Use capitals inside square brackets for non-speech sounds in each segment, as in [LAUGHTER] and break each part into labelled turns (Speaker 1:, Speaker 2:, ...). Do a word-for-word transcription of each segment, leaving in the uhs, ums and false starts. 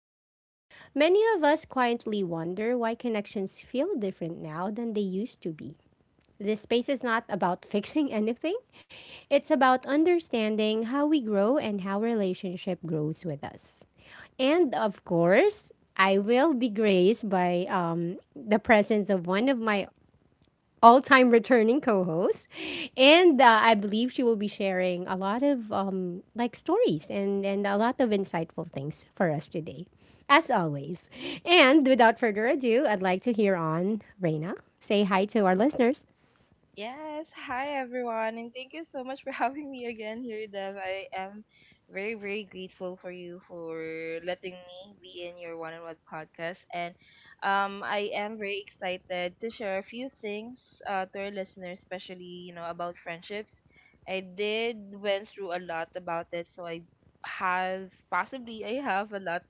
Speaker 1: change. Many of us quietly wonder why connections feel different now than they used to be. This space is not about [LAUGHS] fixing anything, it's about understanding how we grow and how relationship grows with us. And of course, I will be graced by um, the presence of one of my all time returning co host. And uh, I believe she will be sharing a lot of um, like stories and, and a lot of insightful things for us today, as always. And without further ado, I'd like to hear on Reina. Say hi to our listeners.
Speaker 2: Yes, hi everyone, and thank you so much for [LAUGHS] having me again here, Dev. I am very, very grateful for you for letting me be in your one on one podcast. And um, I am very excited to share a few things uh, to our listeners, especially, you know, about friendships. I did went through a lot about it, so I have possibly I have a lot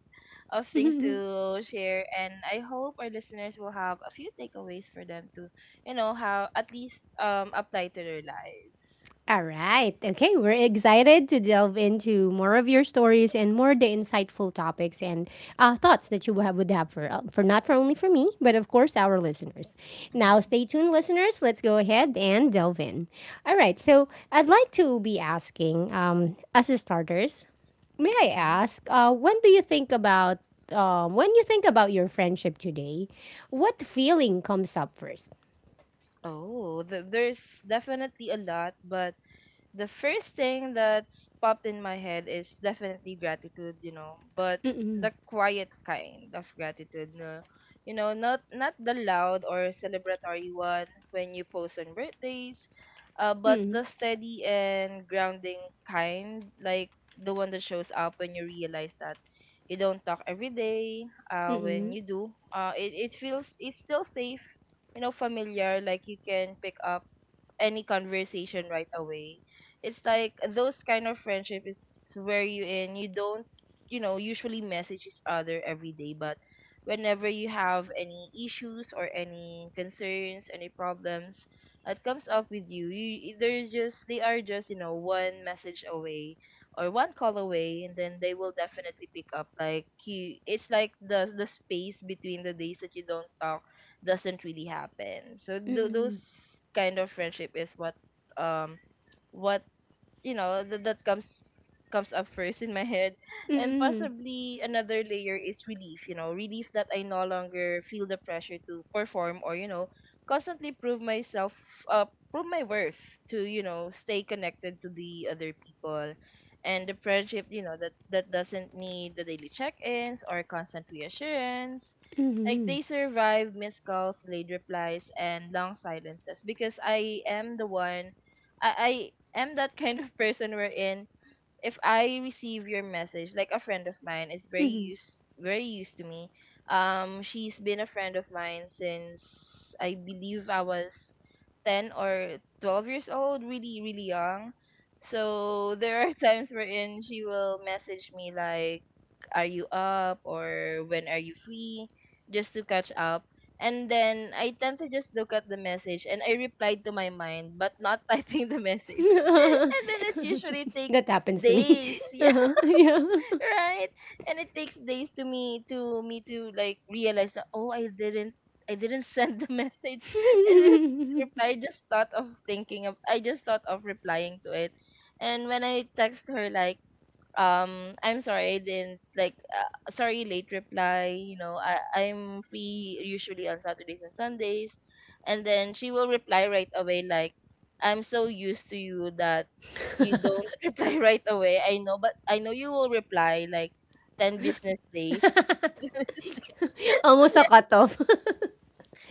Speaker 2: of things
Speaker 1: [LAUGHS]
Speaker 2: to share and I hope our listeners will have a few takeaways for them to, you know, how at least um apply to their lives.
Speaker 1: All right. Okay, we're excited to delve into more of your stories and more the insightful topics and uh, thoughts that you would have, would have for uh, for not for only for me, but of course our listeners. Now,
Speaker 2: hmm
Speaker 1: stay tuned, listeners. Let's go ahead and delve in. All right. So, I'd like to be asking, um, as a starters, may I
Speaker 2: hmm
Speaker 1: ask, uh, when do you think about um, when you think about your friendship today, what feeling comes up first?
Speaker 2: Oh, th- there's definitely a lot, but the first thing that's popped in my head is definitely gratitude, you know, but
Speaker 1: Mm.
Speaker 2: the quiet kind of gratitude, no, you know, not not the loud or celebratory one when you post on birthdays, uh, but
Speaker 1: Mm.
Speaker 2: the steady and grounding kind, like the one that shows up when you realize that you don't talk every day. Uh, when
Speaker 1: Mm.
Speaker 2: you do, uh, it it feels it's still safe, you know, familiar, like you can pick up any conversation right away. It's like those kind of friendship is where you in you don't you know usually message each other every day, but whenever you have any issues or any concerns, any problems that comes up with you, you they're just they are just you know one message away or one call away, and then they will definitely pick up like you it's like the the space between the days that you don't talk doesn't really happen. So
Speaker 1: Mm.
Speaker 2: th-
Speaker 1: Mm.
Speaker 2: those
Speaker 1: Mm.
Speaker 2: kind of friendship is what um what you know that that comes comes up first in my head, and
Speaker 1: Mm.
Speaker 2: possibly another layer is relief, you know, relief that I no longer feel the pressure to perform or, you know, constantly prove myself, uh prove my worth to, you know, stay connected to the other people. And the friendship, you know, that that doesn't need the daily check-ins or constant reassurance, like
Speaker 1: Mhm.
Speaker 2: they survive missed calls, late replies and long silences. Because I am the one, I, I am that kind of person wherein if I receive your message, like a friend of mine is very
Speaker 1: Mhm.
Speaker 2: used very used to me. Um, she's been a friend of mine since I believe I was ten or twelve years old, really, really young. So there are [LAUGHS] times wherein she will message me like, are you up? Or when are you free? Just to catch up. And then I tend to just look at the message and I replied to my mind but not [LAUGHS] typing the message, [LAUGHS] and
Speaker 1: [LAUGHS]
Speaker 2: then it usually take
Speaker 1: that happens to me.
Speaker 2: days. [LAUGHS]
Speaker 1: [LAUGHS]
Speaker 2: Yeah,
Speaker 1: Uh-huh, yeah.
Speaker 2: right. And it takes days to me to me to like realize that, oh, i didn't i didn't [LAUGHS] send the message, [LAUGHS] I didn't reply. I
Speaker 1: [LAUGHS]
Speaker 2: just thought of thinking of i just thought of replying to it. And when I text her like, um I'm sorry, I didn't like, uh, sorry, late reply, you know, I i'm free usually on Saturdays and Sundays. And then she will reply right away like, I'm so used to you that you don't [LAUGHS] reply right away. I know, but I know you will reply like ten business days. [LAUGHS]
Speaker 1: Almost a
Speaker 2: Yeah,
Speaker 1: cutoff.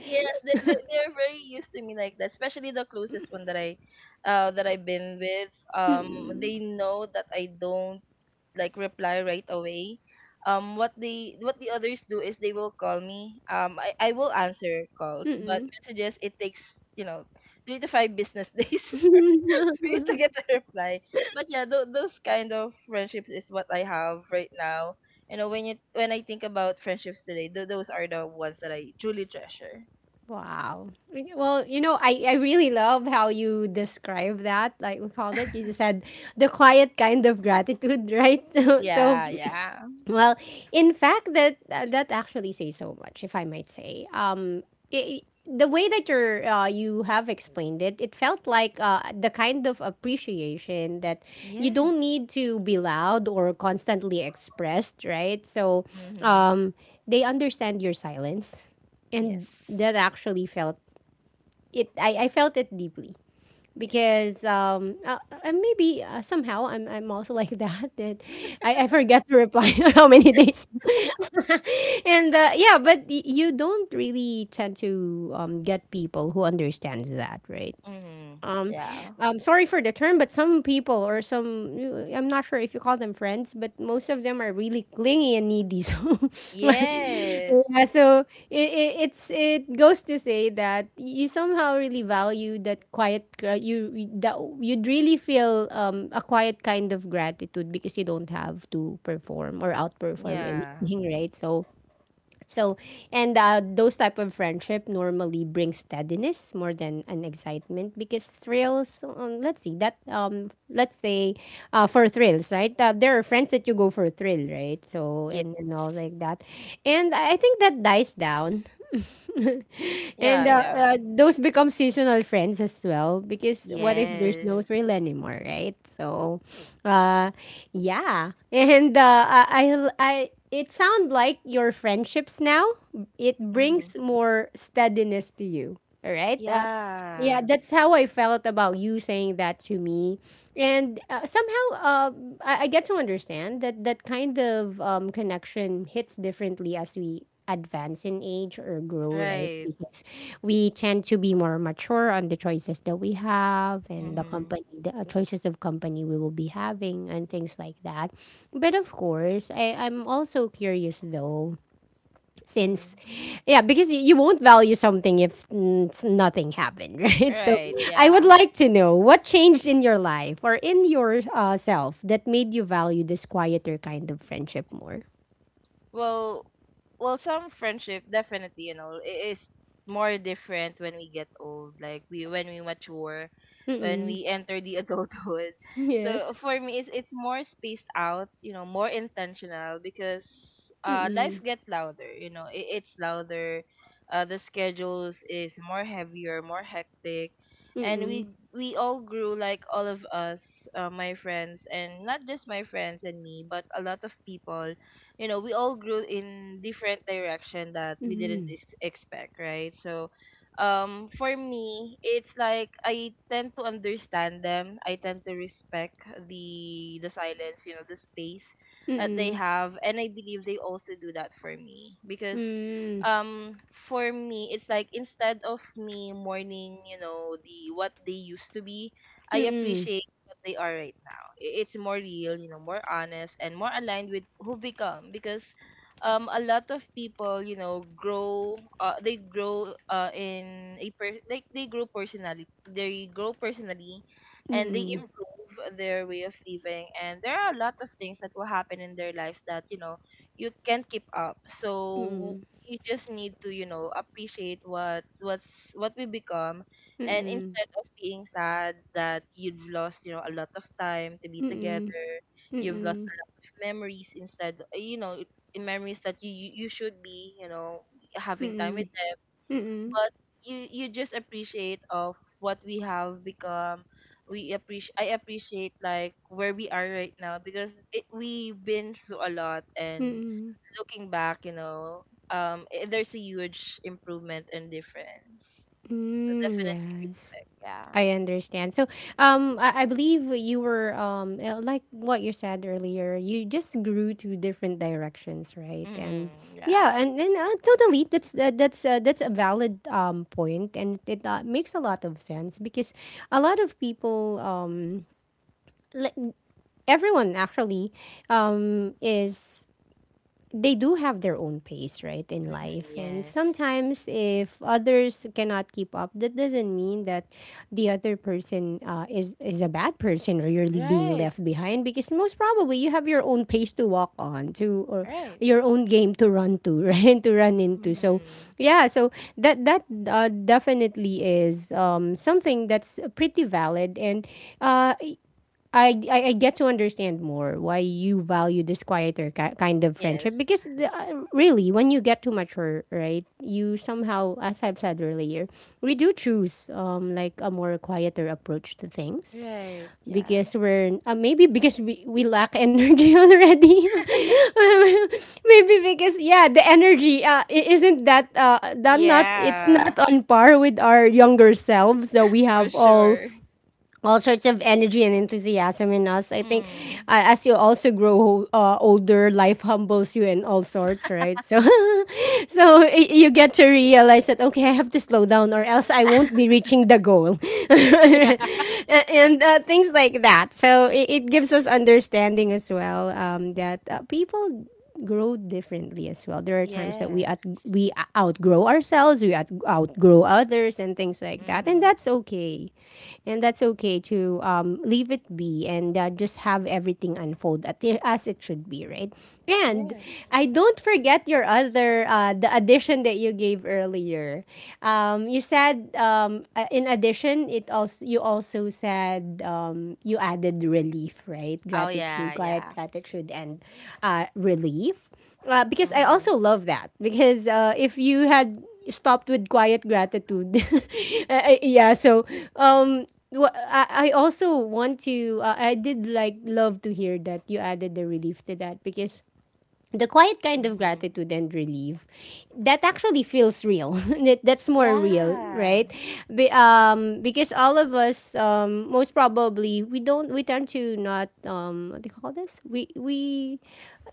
Speaker 2: yes, they, they, they're very used to me like that, especially the closest one that I uh that I've been with.
Speaker 1: [LAUGHS]
Speaker 2: Um
Speaker 1: Mm-mm.
Speaker 2: they know that I don't like reply right away. Um, what they what the others do is they will call me. Um, I, I will answer calls, but
Speaker 1: Mm-mm.
Speaker 2: messages, it takes, you know, three to five business days [LAUGHS] for,
Speaker 1: [LAUGHS]
Speaker 2: for you to get a reply. But yeah, th- those kind of friendships is what I have right now. You know, when you when I think about friendships today, th- those are the ones that I truly treasure.
Speaker 1: Wow. Well, you know, I, I really love how you describe that. Like we called it, you
Speaker 2: [LAUGHS]
Speaker 1: just said the quiet kind of gratitude, right? [LAUGHS] so
Speaker 2: Yeah, yeah.
Speaker 1: Well, in fact, that that actually says so much, if I might say. Um, I The way that you're uh, you have explained it, it felt like uh, the kind of appreciation that you
Speaker 2: Yes.
Speaker 1: don't need to be loud or constantly expressed, right? So,
Speaker 2: Mm-hmm.
Speaker 1: um, they understand your silence,
Speaker 2: Yes.
Speaker 1: and that actually felt it. I, I felt it deeply
Speaker 2: Yes.
Speaker 1: because um uh, uh, maybe uh, somehow I'm I'm also like [LAUGHS] that that I, I forget to reply [LAUGHS] how many days [LAUGHS] and uh, yeah, but y- you don't really tend to um, get people who understands that, right?
Speaker 2: Mm-hmm.
Speaker 1: um,
Speaker 2: Yeah.
Speaker 1: um, sorry for the term, but some people or some, I'm not sure if you call them friends, but most of them are really clingy and needy. [LAUGHS] So, yeah,
Speaker 2: Yes.
Speaker 1: so it, it, it's, it goes to say that you somehow really value that quiet, gra- you, that you'd really feel um, a quiet kind of gratitude because you don't have to perform or outperform
Speaker 2: Yeah.
Speaker 1: anything, [LAUGHS] right? So, so, and uh, those type of friendship normally bring steadiness more than an excitement because thrills. Um, let's see that. Um, let's say, uh, for thrills, right? Uh, there are friends that you go for a thrill, right? So
Speaker 2: Yeah.
Speaker 1: and and all like that, and I I think that dies down. [LAUGHS]
Speaker 2: Yeah,
Speaker 1: And uh,
Speaker 2: yeah.
Speaker 1: uh, those become seasonal friends as well, because what if there's
Speaker 2: Yes.
Speaker 1: no thrill anymore, right? So uh yeah, and uh, I, I I it sound like your friendships now, it
Speaker 2: Mm-hmm.
Speaker 1: brings more steadiness to you, all right. Uh, yeah,
Speaker 2: Yeah.
Speaker 1: that's how I felt about you saying that to me, and uh, somehow, uh, I, I get to understand that that kind of um, connection hits differently as we advance in age or grow, right?
Speaker 2: Right.
Speaker 1: Because we tend to be more mature on the choices that we have and the
Speaker 2: Mm-hmm.
Speaker 1: company, the uh, choices of company we will be having, and things like that. But of course, I, I'm also curious though, since
Speaker 2: Mm-hmm.
Speaker 1: yeah, because y- you won't value something if mm, s- nothing happened, [LAUGHS] right, so
Speaker 2: Right.
Speaker 1: I would
Speaker 2: Yeah.
Speaker 1: like to know what changed in your life or in your uh, self that made you value this quieter kind of friendship more.
Speaker 2: well well, some friendship definitely, you know, i- is more different when we get old, like we when we mature, when
Speaker 1: Mm-mm.
Speaker 2: we enter the [LAUGHS] adulthood. So
Speaker 1: Yes.
Speaker 2: for me it's it's more spaced out, you know, more intentional. Because uh life
Speaker 1: Mm-mm.
Speaker 2: get louder, you know, it, it's louder. Uh the schedules is more heavier, more hectic. And
Speaker 1: Mm-mm.
Speaker 2: we we all grew, like all of us, uh, my friends, and not just my friends and me, but a lot of people, you know, we all grew in different direction that we didn't
Speaker 1: Mm-mm.
Speaker 2: ex- expect, right? So um for me it's like I tend to understand them, I tend to respect the the silence, you know, the space that they
Speaker 1: Mm-mm.
Speaker 2: have, and I believe they also do that for me. Because
Speaker 1: Mm-mm.
Speaker 2: um for me it's like instead of me mourning, you know, the what they used to be, I
Speaker 1: Mm-mm.
Speaker 2: appreciate what they are right now. I- It's more real, you know, more honest, and more aligned with who become. Because um a lot of people, you know, grow, uh, they grow uh in a per- like they grow personally. They grow personally, and they
Speaker 1: Mm-mm.
Speaker 2: improve their way of living, and there are a lot of things that will happen in their life that, you know, you can't keep up. So
Speaker 1: Mm-mm.
Speaker 2: you just need to, you know, appreciate what's what's what we become.
Speaker 1: Mm-mm.
Speaker 2: And
Speaker 1: Mm-mm.
Speaker 2: instead of being sad that you've lost, you know, a lot of time to be together, you've lost
Speaker 1: Mm-mm.
Speaker 2: a lot of memories. Instead, uh, you know, it- memories that you you you should be, you know, having time
Speaker 1: Mm-mm.
Speaker 2: with them.
Speaker 1: Mm-mm.
Speaker 2: But you you just appreciate of what we have become. We appreciate I appreciate like where we are right now, because it, we've been through a lot, and looking back, you know, um, i- there's a huge improvement and difference. So
Speaker 1: Mm,
Speaker 2: definitely
Speaker 1: yes.
Speaker 2: respect. Yeah.
Speaker 1: I understand. So, um, I, I believe you were um, uh, like what you said earlier. You just grew to different directions, right? And
Speaker 2: Mm-hmm.
Speaker 1: yeah,
Speaker 2: Yeah.
Speaker 1: and and uh, totally. That's that, that's uh, that's a valid um point, and it uh, makes a lot of sense because a lot of people um, like everyone actually um is, they do have their own pace, right, in
Speaker 2: Mm-hmm.
Speaker 1: life. And
Speaker 2: Yes.
Speaker 1: sometimes, if others cannot keep up, that doesn't mean that the other person uh, is is a bad person or you're le- being
Speaker 2: Right.
Speaker 1: left behind. Because most probably, you have your own pace to walk on, to, or
Speaker 2: Right.
Speaker 1: your own game to run to, [LAUGHS] right, to run into. So,
Speaker 2: Mm-hmm.
Speaker 1: yeah, so that that uh, definitely is, um, something that's pretty valid. And uh, I, I, I get to understand more why you value this quieter ki- kind of
Speaker 2: Yes.
Speaker 1: friendship, because the, uh, really when you get to mature, right, you somehow, as I've said earlier, we do choose, um like, a more quieter approach to things,
Speaker 2: Right. Yeah.
Speaker 1: because we're uh, maybe because we, we lack energy [LAUGHS] already.
Speaker 2: [LAUGHS]
Speaker 1: [LAUGHS] Maybe because yeah, the energy, uh, i- isn't that, uh that not it's
Speaker 2: Yeah,
Speaker 1: not on par with our younger selves, that we
Speaker 2: for
Speaker 1: have all
Speaker 2: sure.
Speaker 1: all sorts of energy and enthusiasm in us. I think,
Speaker 2: Mm.
Speaker 1: uh, as you also grow, uh, older, life humbles you in all sorts, right? So [LAUGHS] [LAUGHS] so y- you get to realize that, okay, I have to slow down or else I won't be
Speaker 2: [LAUGHS]
Speaker 1: reaching the goal. [LAUGHS]
Speaker 2: Yeah.
Speaker 1: A- and uh, things like that, so it, it gives us understanding as well, um, that uh, people grow differently as well. There are times that we out
Speaker 2: Yes.
Speaker 1: we outgrow ourselves, we out- outgrow others and things like that, and
Speaker 2: Mm-hmm.
Speaker 1: that's okay. And that's okay to, um, leave it be, and uh, just have everything unfold at the, as it should be, right. And
Speaker 2: Yes.
Speaker 1: i don't don't forget your other, uh, the addition that you gave earlier. Um, you said, um, uh, in addition, it also you also said, um, you added relief, right?
Speaker 2: Oh
Speaker 1: Gratitude,
Speaker 2: yeah.
Speaker 1: quiet
Speaker 2: Yeah.
Speaker 1: gratitude, and uh, relief. Uh, because I
Speaker 2: Mm-hmm.
Speaker 1: also love that, because uh, if you had stopped with quiet gratitude, [LAUGHS] uh, yeah. So, um, wha- I, I also want to. Uh, I did like love to hear that you added the relief to that, because the quiet kind of
Speaker 2: Mm-hmm.
Speaker 1: gratitude and relief, that actually feels real, [LAUGHS] that, that's more real,
Speaker 2: Yeah.
Speaker 1: right? Be, um, because all of us, um, most probably we don't we tend to not, um, what do you call this, we we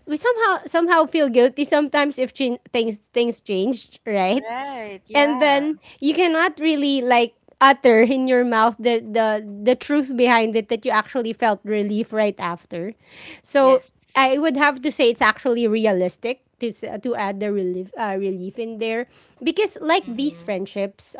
Speaker 1: we somehow somehow feel guilty sometimes if chin things things changed, right.
Speaker 2: Right.
Speaker 1: And
Speaker 2: Yeah.
Speaker 1: then you cannot really, like, utter in your mouth the the the truth behind it, that you actually felt relief right after, so
Speaker 2: Yes.
Speaker 1: I would have to say it's actually realistic to s- to add the relief, uh, relief in there, because like these
Speaker 2: Mm-hmm.
Speaker 1: friendships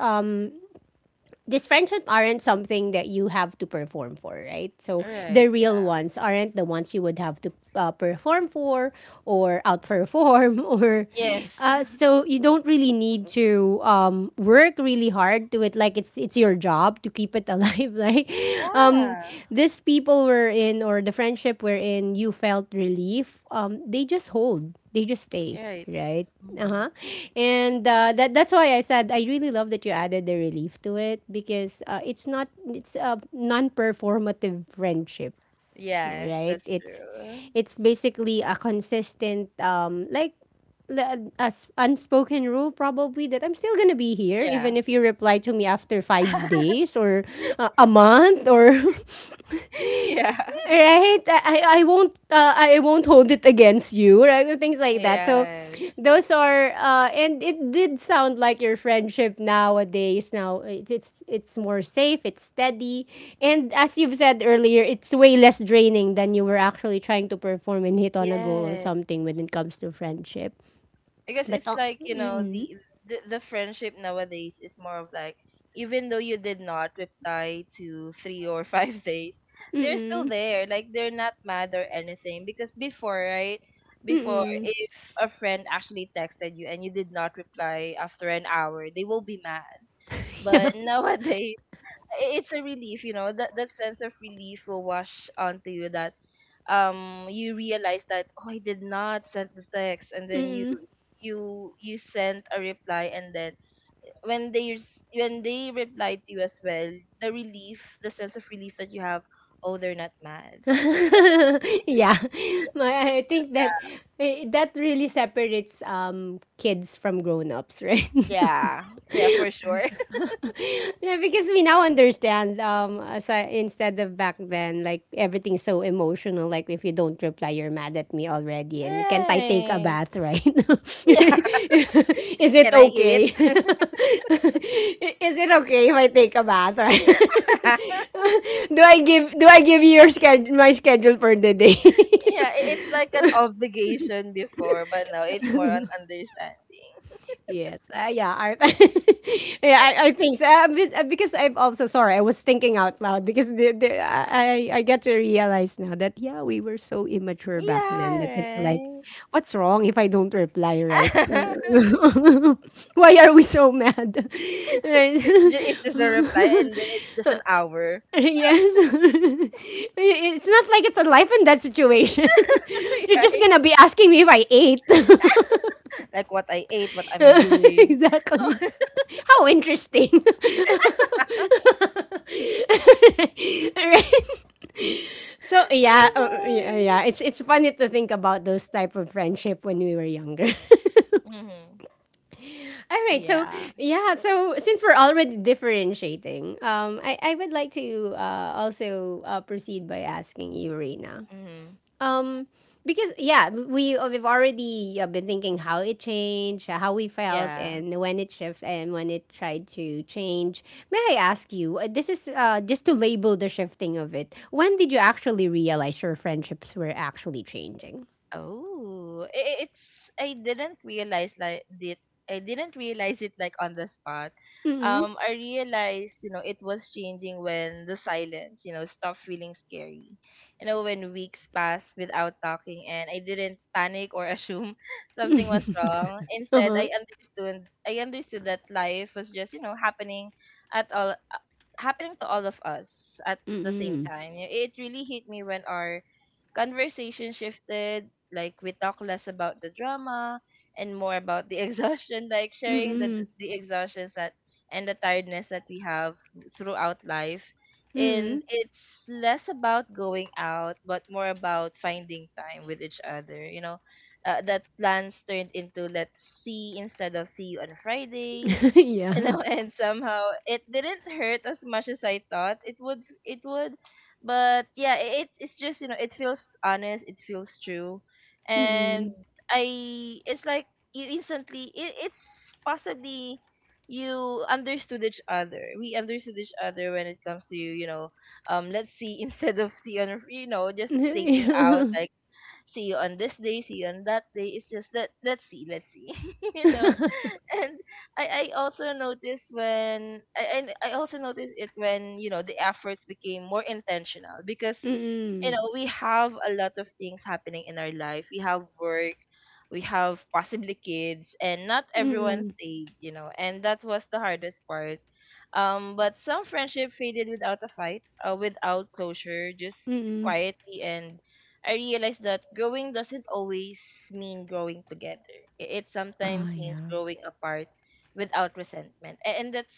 Speaker 1: dysfunction aren't something that you have to perform for, right? So
Speaker 2: Right.
Speaker 1: the
Speaker 2: Yeah.
Speaker 1: real ones aren't the ones you would have to, uh, perform for or outperform, [LAUGHS] or
Speaker 2: Yes.
Speaker 1: uh,
Speaker 2: [LAUGHS]
Speaker 1: so you don't really need to, um, work really hard to it, like, it's it's your job to keep it alive, [LAUGHS] like, um,
Speaker 2: Yeah.
Speaker 1: this people were in, or the friendship wherein you felt relief, um, they just hold they just stay,
Speaker 2: Right.
Speaker 1: right.
Speaker 2: Mm-hmm.
Speaker 1: Uh-huh. And uh, that that's why I said I really love that you added the relief to it, because uh, it's not it's a non-performative friendship,
Speaker 2: Yes.
Speaker 1: right?
Speaker 2: That's
Speaker 1: It's
Speaker 2: true.
Speaker 1: it's basically a consistent, um like, the- a s- unspoken rule, probably, that I'm still gonna be here even
Speaker 2: Yeah.
Speaker 1: if you reply to me after five
Speaker 2: [LAUGHS]
Speaker 1: days or uh, a month or [LAUGHS]
Speaker 2: yeah.
Speaker 1: right, i i won't uh, i won't hold it against you, right, things like that, so
Speaker 2: Yes.
Speaker 1: those are, uh and it did sound like your friendship nowadays, now it, it's it's more safe, it's steady, and as you've said earlier, it's way less draining than you were actually trying to perform and hit on a goal or
Speaker 2: Yes.
Speaker 1: something when it comes to friendship.
Speaker 2: Because
Speaker 1: But
Speaker 2: it's
Speaker 1: oh,
Speaker 2: like, you know,
Speaker 1: mm,
Speaker 2: the, the the friendship nowadays is more of like, even though you did not reply to three or five [LAUGHS] days,
Speaker 1: mm,
Speaker 2: they're still
Speaker 1: mm,
Speaker 2: there. Like they're not mad or anything. Because before, right?
Speaker 1: mm,
Speaker 2: Before,
Speaker 1: mm.
Speaker 2: if a friend actually texted you and you did not reply after an hour, they will be mad.
Speaker 1: [LAUGHS] Yeah.
Speaker 2: But [LAUGHS] nowadays i- it's a relief, you know, that that sense of relief will wash onto you. That um you realize that, oh, I did not send the text, and then you
Speaker 1: Mm-mm.
Speaker 2: you you sent a reply, and then when they res- when they replied to you as well, the relief, the sense of relief that you have, oh, they're not mad. You know?
Speaker 1: Yeah. [LAUGHS] my, I think that, eh, that really separates um kids from grown-ups, right? [LAUGHS]
Speaker 2: Yeah, yeah, for sure.
Speaker 1: Yeah, because we now understand, um as I, instead of back then, like everything's so emotional, like if you don't reply you're mad at me
Speaker 2: [LAUGHS]
Speaker 1: already, and, can't I take a
Speaker 2: Right.
Speaker 1: bath, right? [LAUGHS]
Speaker 2: Yeah.
Speaker 1: Is
Speaker 2: [LAUGHS]
Speaker 1: it
Speaker 2: Can I
Speaker 1: okay,
Speaker 2: eat?
Speaker 1: [LAUGHS] is it okay if I take a bath, right?
Speaker 2: [LAUGHS]
Speaker 1: [LAUGHS] Do i give do I give you your sched my schedule for the day? [LAUGHS]
Speaker 2: Yeah, i- it's like an obligation before, but now it's more on understanding.
Speaker 1: Yes. Uh, yeah. I, [LAUGHS] yeah. I, I think so. Uh, because, uh, because I'm also sorry. I was thinking out loud because the, the, I I I get to realize now that, yeah, we were so immature back then
Speaker 2: Yeah,
Speaker 1: that it's like,
Speaker 2: right.
Speaker 1: what's wrong if I don't reply, right?
Speaker 2: [LAUGHS]
Speaker 1: Uh, [LAUGHS] Why are we so mad? [LAUGHS] Right.
Speaker 2: Ju- it's
Speaker 1: [LAUGHS]
Speaker 2: just a reply, and then it's just an hour.
Speaker 1: Yes. [LAUGHS] It's not like it's a life and death situation. [LAUGHS]
Speaker 2: [LAUGHS]
Speaker 1: You're just
Speaker 2: Right?
Speaker 1: gonna be asking me if I ate. [LAUGHS]
Speaker 2: Like what I ate, what
Speaker 1: [LAUGHS]
Speaker 2: am I doing?
Speaker 1: Exactly.
Speaker 2: [LAUGHS]
Speaker 1: How interesting. [LAUGHS] Right? So
Speaker 2: Oh,
Speaker 1: yeah, uh, yeah, yeah.
Speaker 2: my.
Speaker 1: It's it's funny to think about those type of friendship when we were younger. [LAUGHS]
Speaker 2: Mhm.
Speaker 1: All right, so
Speaker 2: Yeah.
Speaker 1: yeah, so since we're already differentiating, um, I, I would like to uh, also uh, proceed by asking you, Rena.
Speaker 2: Mhm.
Speaker 1: Um, because yeah, we uh, we've already uh, been thinking how it changed, uh, how we felt,
Speaker 2: Yeah.
Speaker 1: and when it shifted and when it tried to change. May I ask you? uh, This is uh, just to label the shifting of it. When did you actually realize your friendships were actually changing?
Speaker 2: Oh, i- it's, I didn't realize like did I didn't realize it like on the spot.
Speaker 1: Mm.
Speaker 2: Um, I realized, you know, it was changing when the silence, you know, stopped feeling scary. You know, when weeks passed without talking and I didn't panic or assume [LAUGHS] something was wrong.
Speaker 1: Uh
Speaker 2: Instead,
Speaker 1: huh.
Speaker 2: I understood I understood that life was just, you know, happening at all happening to all of us at the same
Speaker 1: Mm.
Speaker 2: time. You know, it really hit me when our conversation shifted. Like we talk less about the drama and more about the [LAUGHS] exhaustion, like sharing the
Speaker 1: Mm.
Speaker 2: the exhaustions that, and the tiredness that we have throughout life. And
Speaker 1: Mm.
Speaker 2: it's less about going out, but more about finding time with each other. You know, uh, that plans turned into let's see, instead of see you on Friday,
Speaker 1: [LAUGHS]
Speaker 2: you
Speaker 1: Yeah.
Speaker 2: know. [LAUGHS] And somehow it didn't hurt as much as I thought it would it would. But yeah, it, it's just, you know, it feels honest, it feels true. And
Speaker 1: Mm.
Speaker 2: I it's like, you instantly it, it's possibly you understood each other we understood each other when it comes to, you know, um let's see. [LAUGHS] Instead of see on, you know, just stating out
Speaker 1: Mm.
Speaker 2: like see you on this day, see you on that day, it's just that let's see, let's see, [LAUGHS] you know. And I, I also noticed when, I, I I also noticed it when, you know, the efforts became more intentional. Because, you
Speaker 1: Mm.
Speaker 2: know, we have a lot of things happening in our life. We have work, we have possibly kids, and not everyone
Speaker 1: Mm.
Speaker 2: stayed, you know, and that was the hardest part. Um, but some friendship faded without a fight, uh, without closure, just
Speaker 1: [LAUGHS]
Speaker 2: quietly. And I realized that growing doesn't always mean growing together. It, it
Speaker 1: Oh
Speaker 2: sometimes means
Speaker 1: yeah.
Speaker 2: growing apart without resentment. A- And that's,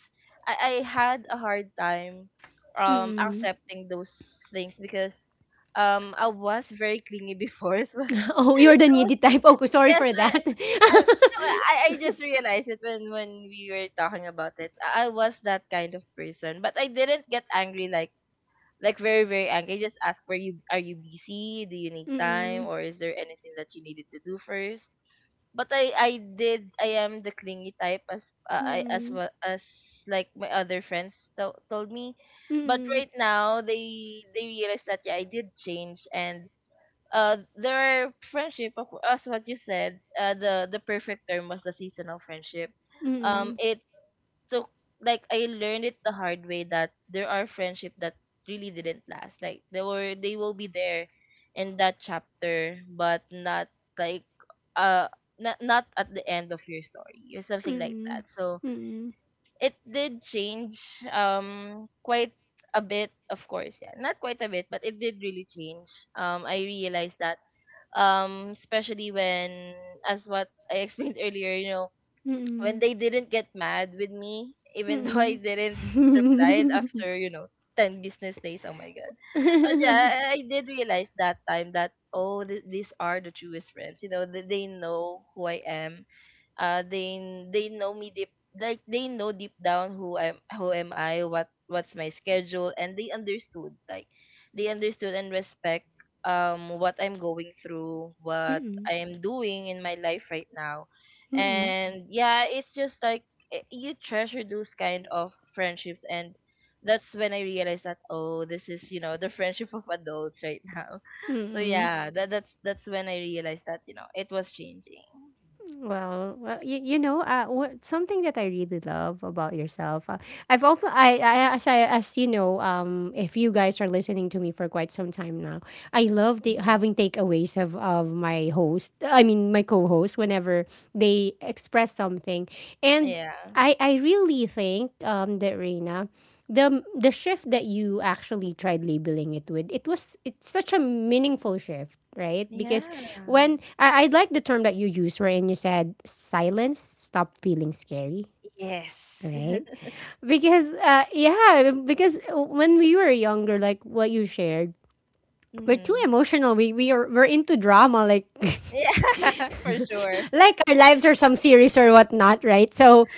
Speaker 2: I, I had a hard time um
Speaker 1: Mm-mm.
Speaker 2: accepting those things because um I was very clingy before, so [LAUGHS]
Speaker 1: [LAUGHS] Oh, you're the
Speaker 2: I was,
Speaker 1: needy type. Okay, sorry
Speaker 2: yes,
Speaker 1: for
Speaker 2: I
Speaker 1: that.
Speaker 2: I no, I,
Speaker 1: [LAUGHS]
Speaker 2: I just realized it when when we were talking about it. I I was that kind of person, but I didn't get angry, like like very, very angry. I just ask, where you are, you busy, do you need time,
Speaker 1: Mm,
Speaker 2: or is there anything that you needed to do first? But I I did. I am the clingy type, as uh, I, as
Speaker 1: mm,
Speaker 2: well as like my other friends to- told me. But
Speaker 1: mm,
Speaker 2: right now they they realize that, yeah, I did change. And uh their friendship of cour- as what you said, uh the the perfect term was the seasonal friendship. Um,
Speaker 1: mm,
Speaker 2: it took, like, I learned it the hard way, that there are friendship that really didn't last. Like they were, they will be there in that chapter, but not, like, uh not, not at the end of your story or something like
Speaker 1: mm,
Speaker 2: that. So
Speaker 1: mm,
Speaker 2: it did change, um, quite a bit. Of course, yeah, not quite a bit, but it did really change. Um, I realized that, um, especially when, as what I explained [LAUGHS] earlier, you know, when
Speaker 1: mm,
Speaker 2: they didn't get mad with me even [LAUGHS] though I
Speaker 1: mm.
Speaker 2: didn't reply after, you know ten business days. Oh my god. But yeah, I, I did realize that time that, oh, th- these are the truest friends, you know. They, they know who I am. uh they they know me deep, like they know deep down who I'm, who am I, what, what's my schedule, and they understood, like they understood and respect, um, what I'm going through, what
Speaker 1: Mm,
Speaker 2: I am doing in my life right now.
Speaker 1: mm,
Speaker 2: And yeah, it's just like, eh, you treasure those kind of friendships. And that's when I realized that, oh, this is, you know, the friendship of adults right now. [LAUGHS] So
Speaker 1: mm. [LAUGHS]
Speaker 2: yeah, that that's that's when I realized that, you know, it was changing.
Speaker 1: Well, well, you, you know, uh, what, something that I really love about yourself. Uh, I've also, I, I, as I, as you know, um, if you guys are listening to me for quite some time now, I love the,
Speaker 2: Mhm.
Speaker 1: having takeaways of, of my host. I mean, my co-host whenever they express something, and
Speaker 2: Yeah.
Speaker 1: I, I really think, um, that Reina, the the shift that you actually tried labeling it with, it was, it's such a meaningful shift, right? Because
Speaker 2: Yeah.
Speaker 1: when I, I like the term that you used wherein you said silence stop feeling scary,
Speaker 2: Yes.
Speaker 1: right? Because uh yeah, because when we were younger, like what you shared, we're too
Speaker 2: Mm-hmm.
Speaker 1: emotional. We we are we're into drama, like [LAUGHS]
Speaker 2: Yeah, [LAUGHS] for sure.
Speaker 1: like our lives are some series or whatnot, right? So,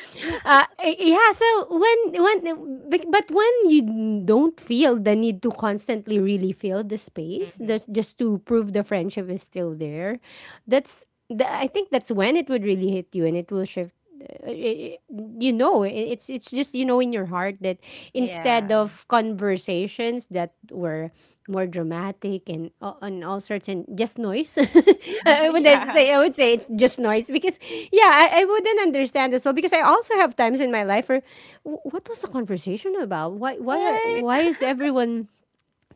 Speaker 1: uh, yeah. So when when but but when you don't feel the need to constantly really fill the space,
Speaker 2: Mm-hmm.
Speaker 1: that's just to prove the friendship is still there. That's the, I think that's when it would really hit you, and it will shift it, you know, it's it's just you know in your heart that instead
Speaker 2: Yeah.
Speaker 1: of conversations that were more dramatic and uh, and all sorts and just noise [LAUGHS] I,
Speaker 2: [LAUGHS]
Speaker 1: I would
Speaker 2: Yeah.
Speaker 1: say I would say it's just noise because yeah I, I wouldn't understand as well because I also have times in my life where "Wh- what was the conversation about? why why are why
Speaker 2: Right.
Speaker 1: is everyone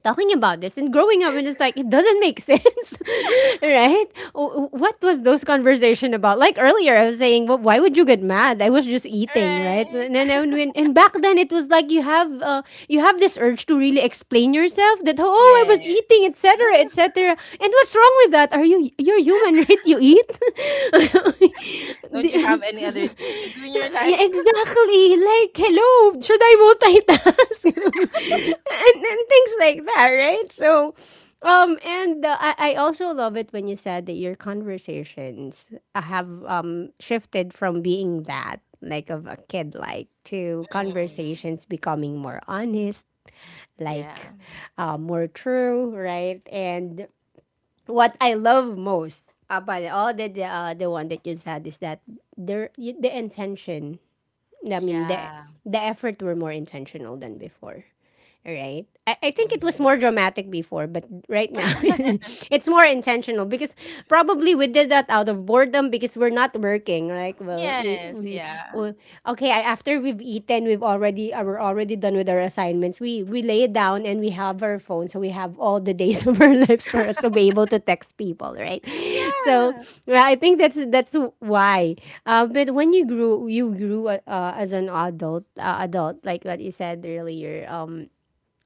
Speaker 1: talking about this and growing up?" And it's like it doesn't make sense [LAUGHS] right. W- what was those conversation about? Like earlier I was saying, well, why would you get mad? I was just eating, right?
Speaker 2: Right.
Speaker 1: And then and, when, and back then it was like you have uh, you have this urge to really explain yourself that oh I was
Speaker 2: Yes.
Speaker 1: eating, etc.
Speaker 2: [LAUGHS]
Speaker 1: etc. And what's wrong with that? Are you you're human [LAUGHS] right, you eat. [LAUGHS]
Speaker 2: Don't you
Speaker 1: The-
Speaker 2: have any other things to do
Speaker 1: [LAUGHS]
Speaker 2: in your life?
Speaker 1: Yeah, exactly. Like, hello, should I multitask? [LAUGHS] and, and things like that, right? So, um, and uh, I, I also love it when you said that your conversations have um shifted from being that like of a kid, like to
Speaker 2: Mm.
Speaker 1: conversations becoming more honest,
Speaker 2: Yeah.
Speaker 1: like, uh, more true, right? And what I love most about all the the, uh, the one that you said is that there y- the intention, I mean the
Speaker 2: Yeah.
Speaker 1: the effort were more intentional than before, right? I, I think it was
Speaker 2: Mm-hmm.
Speaker 1: more dramatic before, but right now [LAUGHS]
Speaker 2: [LAUGHS]
Speaker 1: it's more intentional because probably we did that out of boredom because we're not working. Like, well, we,
Speaker 2: Yes.
Speaker 1: mm,
Speaker 2: Yeah.
Speaker 1: well okay. I- After we've eaten, we've already uh, we're already done with our assignments. We we lay down and we have our phone, so we have all the days [LAUGHS] of our lives for us to be able to text people, right? So
Speaker 2: Yeah.
Speaker 1: yeah, I think that's that's why. Uh, but when you grew you grew uh, uh, as an adult uh, adult like what you said earlier, um,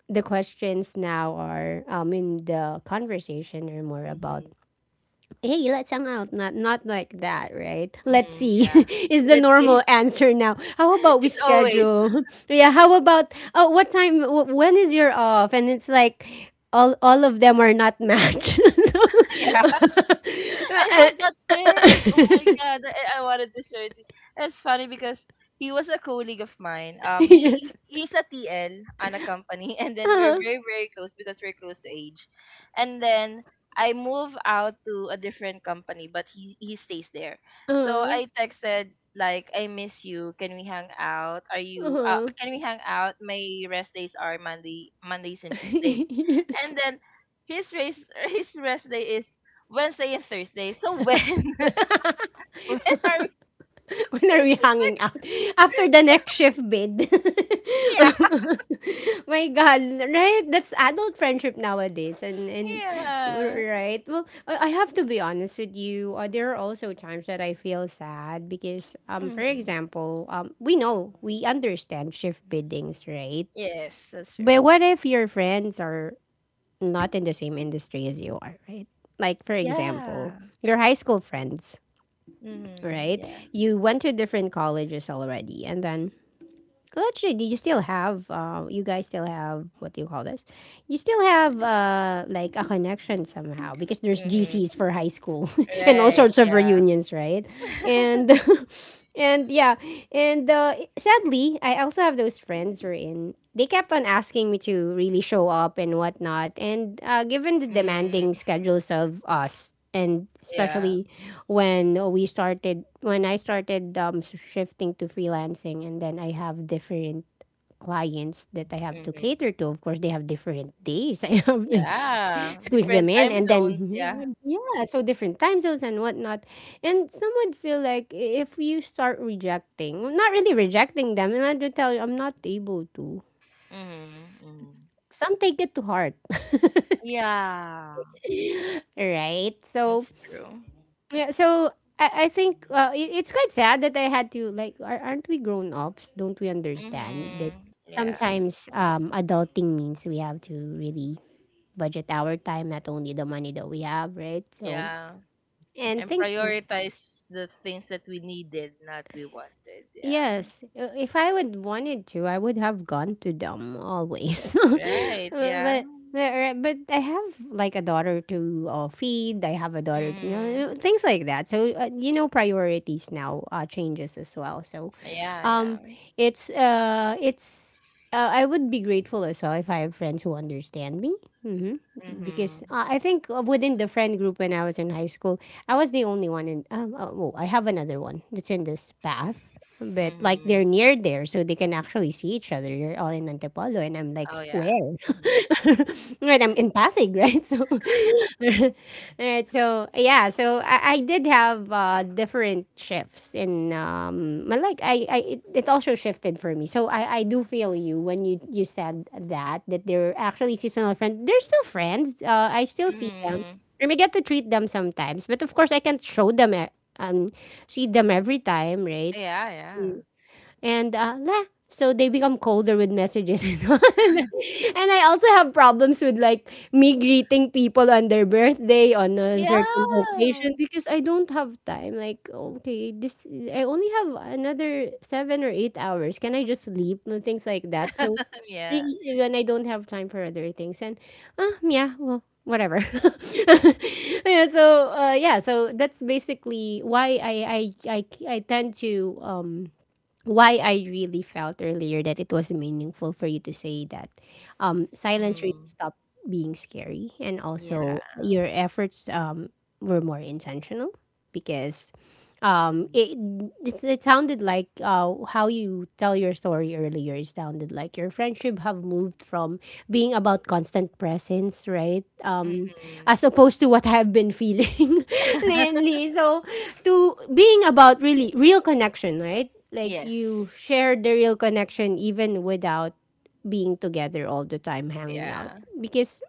Speaker 1: the questions now are, I mean, the conversation are more about
Speaker 2: Mm-hmm.
Speaker 1: hey let's hang out, not not like that, right? Let's
Speaker 2: Mm-hmm.
Speaker 1: see
Speaker 2: Yeah.
Speaker 1: [LAUGHS] is the
Speaker 2: Let's
Speaker 1: normal
Speaker 2: see.
Speaker 1: answer now. How
Speaker 2: [LAUGHS]
Speaker 1: about we
Speaker 2: It's always.
Speaker 1: schedule [LAUGHS] yeah, how about oh what time wh- when is your off? And it's like all all of them are not matched. [LAUGHS]
Speaker 2: [LAUGHS] Yeah.
Speaker 1: So,
Speaker 2: I have that friend. Oh my god, I, I wanted to show it. to- you. That's funny because he was a colleague of mine.
Speaker 1: [LAUGHS]
Speaker 2: Um, he he-
Speaker 1: yes,
Speaker 2: he's a T L on a company, [LAUGHS] and then we're
Speaker 1: uh-huh.
Speaker 2: very, very close because we're close to age. And then I move out to a different company, but he he stays there. So
Speaker 1: Uh-huh.
Speaker 2: I texted like, "I miss you. Can we hang out? Are you? Uh,
Speaker 1: Uh-huh.
Speaker 2: can we hang out? My rest days are Monday, Mondays and Tuesdays."
Speaker 1: [LAUGHS] Yes.
Speaker 2: And then his race [LAUGHS] his rest day is Wednesday and Thursday. So when [LAUGHS]
Speaker 1: [LAUGHS]
Speaker 2: when are we?
Speaker 1: [LAUGHS] When are we
Speaker 2: [LAUGHS] It's like,
Speaker 1: hanging out? After the next shift bid.
Speaker 2: yeah,
Speaker 1: [LAUGHS] My God, right? That's adult friendship nowadays. And, and
Speaker 2: yeah.
Speaker 1: right? Well, I I have to be honest with you. Uh, there are also times that I feel sad because, um, for
Speaker 2: Hmm.
Speaker 1: example, um, we know, we understand shift biddings, right?
Speaker 2: Yes, that's
Speaker 1: But
Speaker 2: true.
Speaker 1: what if your friends are not in the same industry as you are, right? Like, for example,
Speaker 2: Yeah.
Speaker 1: your high school friends,
Speaker 2: Hmm.
Speaker 1: right?
Speaker 2: Yeah.
Speaker 1: You went to different colleges already, and then well, actually, do you still have? Uh, you guys still have what do you call this? You still have uh, like a connection somehow because there's
Speaker 2: Hmm.
Speaker 1: G Cs for high school [LAUGHS] and all
Speaker 2: Right.
Speaker 1: sorts of
Speaker 2: Yeah.
Speaker 1: reunions, right?
Speaker 2: [LAUGHS]
Speaker 1: And [LAUGHS] and yeah, and uh, sadly, I also have those friends who are in. They kept on asking me to really show up and whatnot, and uh, given the demanding
Speaker 2: Mm,
Speaker 1: schedules of us and
Speaker 2: yeah.
Speaker 1: especially when we started when I started um, s- shifting to freelancing and then I have different clients that I have to
Speaker 2: Hmm.
Speaker 1: cater to, of course they have different days [LAUGHS] I have to
Speaker 2: Yeah.
Speaker 1: squeeze them
Speaker 2: Different
Speaker 1: in
Speaker 2: time
Speaker 1: and
Speaker 2: zones. Yeah.
Speaker 1: then [LAUGHS] yeah, so different time zones and whatnot. And some would feel like if you start rejecting, well, not really rejecting them, and I do tell you I'm not able to,
Speaker 2: Hmm. Hmm.
Speaker 1: some take it to heart.
Speaker 2: Yeah.
Speaker 1: [LAUGHS] Right, so
Speaker 2: That's true.
Speaker 1: yeah, so I, I think uh, it, it's quite sad that I had to like are, aren't we grown ups? Don't we understand that
Speaker 2: Hmm. Yeah.
Speaker 1: sometimes um adulting means we have to really budget our time, not only the money that we have, right? So
Speaker 2: Yeah.
Speaker 1: and
Speaker 2: And
Speaker 1: things.
Speaker 2: prioritize the things that we needed, not we wanted. Yeah.
Speaker 1: Yes, uh, if I would wanted to, I would have gone to them always. [LAUGHS]
Speaker 2: Right.
Speaker 1: Uh,
Speaker 2: Yeah.
Speaker 1: but but uh, but I have like a daughter to uh, feed. I have a daughter, you know,
Speaker 2: Mm.
Speaker 1: uh, things like that. So uh, you know, priorities now uh, changes as well. So,
Speaker 2: Yeah.
Speaker 1: um,
Speaker 2: Yeah.
Speaker 1: it's uh, it's uh, I would be grateful as well if I have friends who understand me. Hmm. Because
Speaker 2: Mhm.
Speaker 1: uh, I think uh, within the friend group when I was in high school, I was the only one in. Um, uh, oh, I have another one that's in this path. But like they're
Speaker 2: Mhm.
Speaker 1: near there, so they can actually see each other. You're all in Antipolo, and I'm
Speaker 2: Oh
Speaker 1: like,
Speaker 2: yeah.
Speaker 1: where?
Speaker 2: Mhm.
Speaker 1: [LAUGHS] Right, I'm in Pasig, right? [LAUGHS] So, [LAUGHS]
Speaker 2: [LAUGHS]
Speaker 1: all right, so yeah, so I, I did have uh, different shifts in um, my like I, I it, it also shifted for me. So I, I do feel you when you you said that that they're actually seasonal friends. They're still friends. Uh, I still see them.
Speaker 2: Mhm.
Speaker 1: I we get to treat them sometimes, but of course I can't show them e- um see them every time, right?
Speaker 2: Yeah. Yeah.
Speaker 1: And uh, leh. So they become colder with messages [LAUGHS] and all. And I also have problems with like me greeting people on their birthday on a certain
Speaker 2: Yeah.
Speaker 1: occasion because I don't have time. Like, okay, this I only have another seven or eight hours. Can I just sleep and things like that? So
Speaker 2: Yeah.
Speaker 1: I- when I don't have time for other things, and ah, yeah, well, whatever. [LAUGHS] Yeah, so uh, yeah, so that's basically why I I I, I tend to um why I really felt earlier that it was meaningful for you to say that um, silence really
Speaker 2: Mhm.
Speaker 1: stopped being scary, and
Speaker 2: Yeah.
Speaker 1: also your efforts um, were more intentional because um,
Speaker 2: Mhm.
Speaker 1: it, it it sounded like uh, how you tell your story earlier. It sounded like your friendship have moved from being about constant presence, right? Um,
Speaker 2: Mhm.
Speaker 1: as opposed to what I've been feeling [LAUGHS]
Speaker 2: [LAUGHS]
Speaker 1: lately. So to being about really real connection, right? Like
Speaker 2: Yes.
Speaker 1: you share the real connection even without being together all the time, hanging out.
Speaker 2: Yeah.
Speaker 1: Because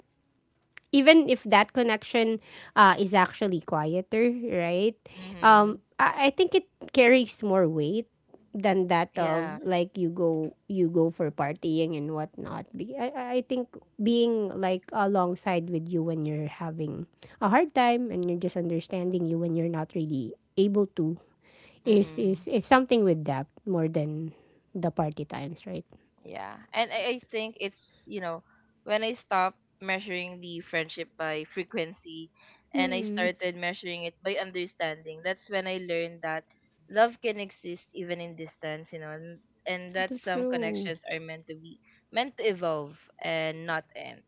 Speaker 1: even if that connection uh, is actually quieter, right? Um,
Speaker 2: Mhm.
Speaker 1: I, I think it carries more weight than that of
Speaker 2: Yeah.
Speaker 1: like you go you go for partying and whatnot. Be- I, I I think being like alongside with you when you're having a hard time and you're just understanding you when you're not really able to is
Speaker 2: Mhm.
Speaker 1: is is something with depth more than the party times, right?
Speaker 2: Yeah. And I, I think it's, you know, when I stopped measuring the friendship by frequency and I
Speaker 1: Mm,
Speaker 2: started measuring it by understanding, that's when I learned that love can exist even in distance, you know, and, and that
Speaker 1: too
Speaker 2: some
Speaker 1: true.
Speaker 2: connections are meant to be, meant to evolve and not end.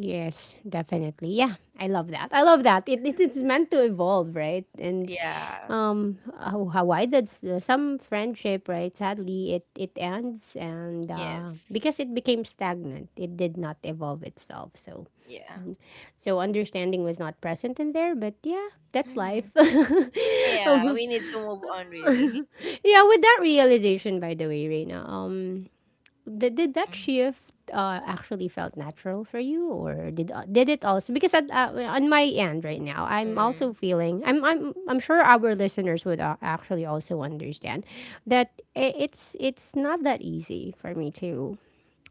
Speaker 1: Yes, definitely. Yeah, I love that. I love that. It, it it's meant to evolve, right? And
Speaker 2: Yeah.
Speaker 1: um, how, how why that's uh, some friendship, right? Sadly, it it ends, and
Speaker 2: Yes.
Speaker 1: uh, because it became stagnant, it did not evolve itself. So
Speaker 2: Yeah.
Speaker 1: so understanding was not present in there. But yeah, that's
Speaker 2: Mm-hmm.
Speaker 1: life. [LAUGHS]
Speaker 2: Yeah,
Speaker 1: um,
Speaker 2: we need to move on, really.
Speaker 1: yeah, with that realization, by the way, Reina. Um, Did, did that
Speaker 2: [LAUGHS]
Speaker 1: shift uh, actually felt natural for you, or did uh, did it also? Because at, uh, on my end right now, I'm
Speaker 2: Mm-hmm.
Speaker 1: also feeling. I'm I'm I'm sure our listeners would uh, actually also understand that i- it's it's not that easy for me to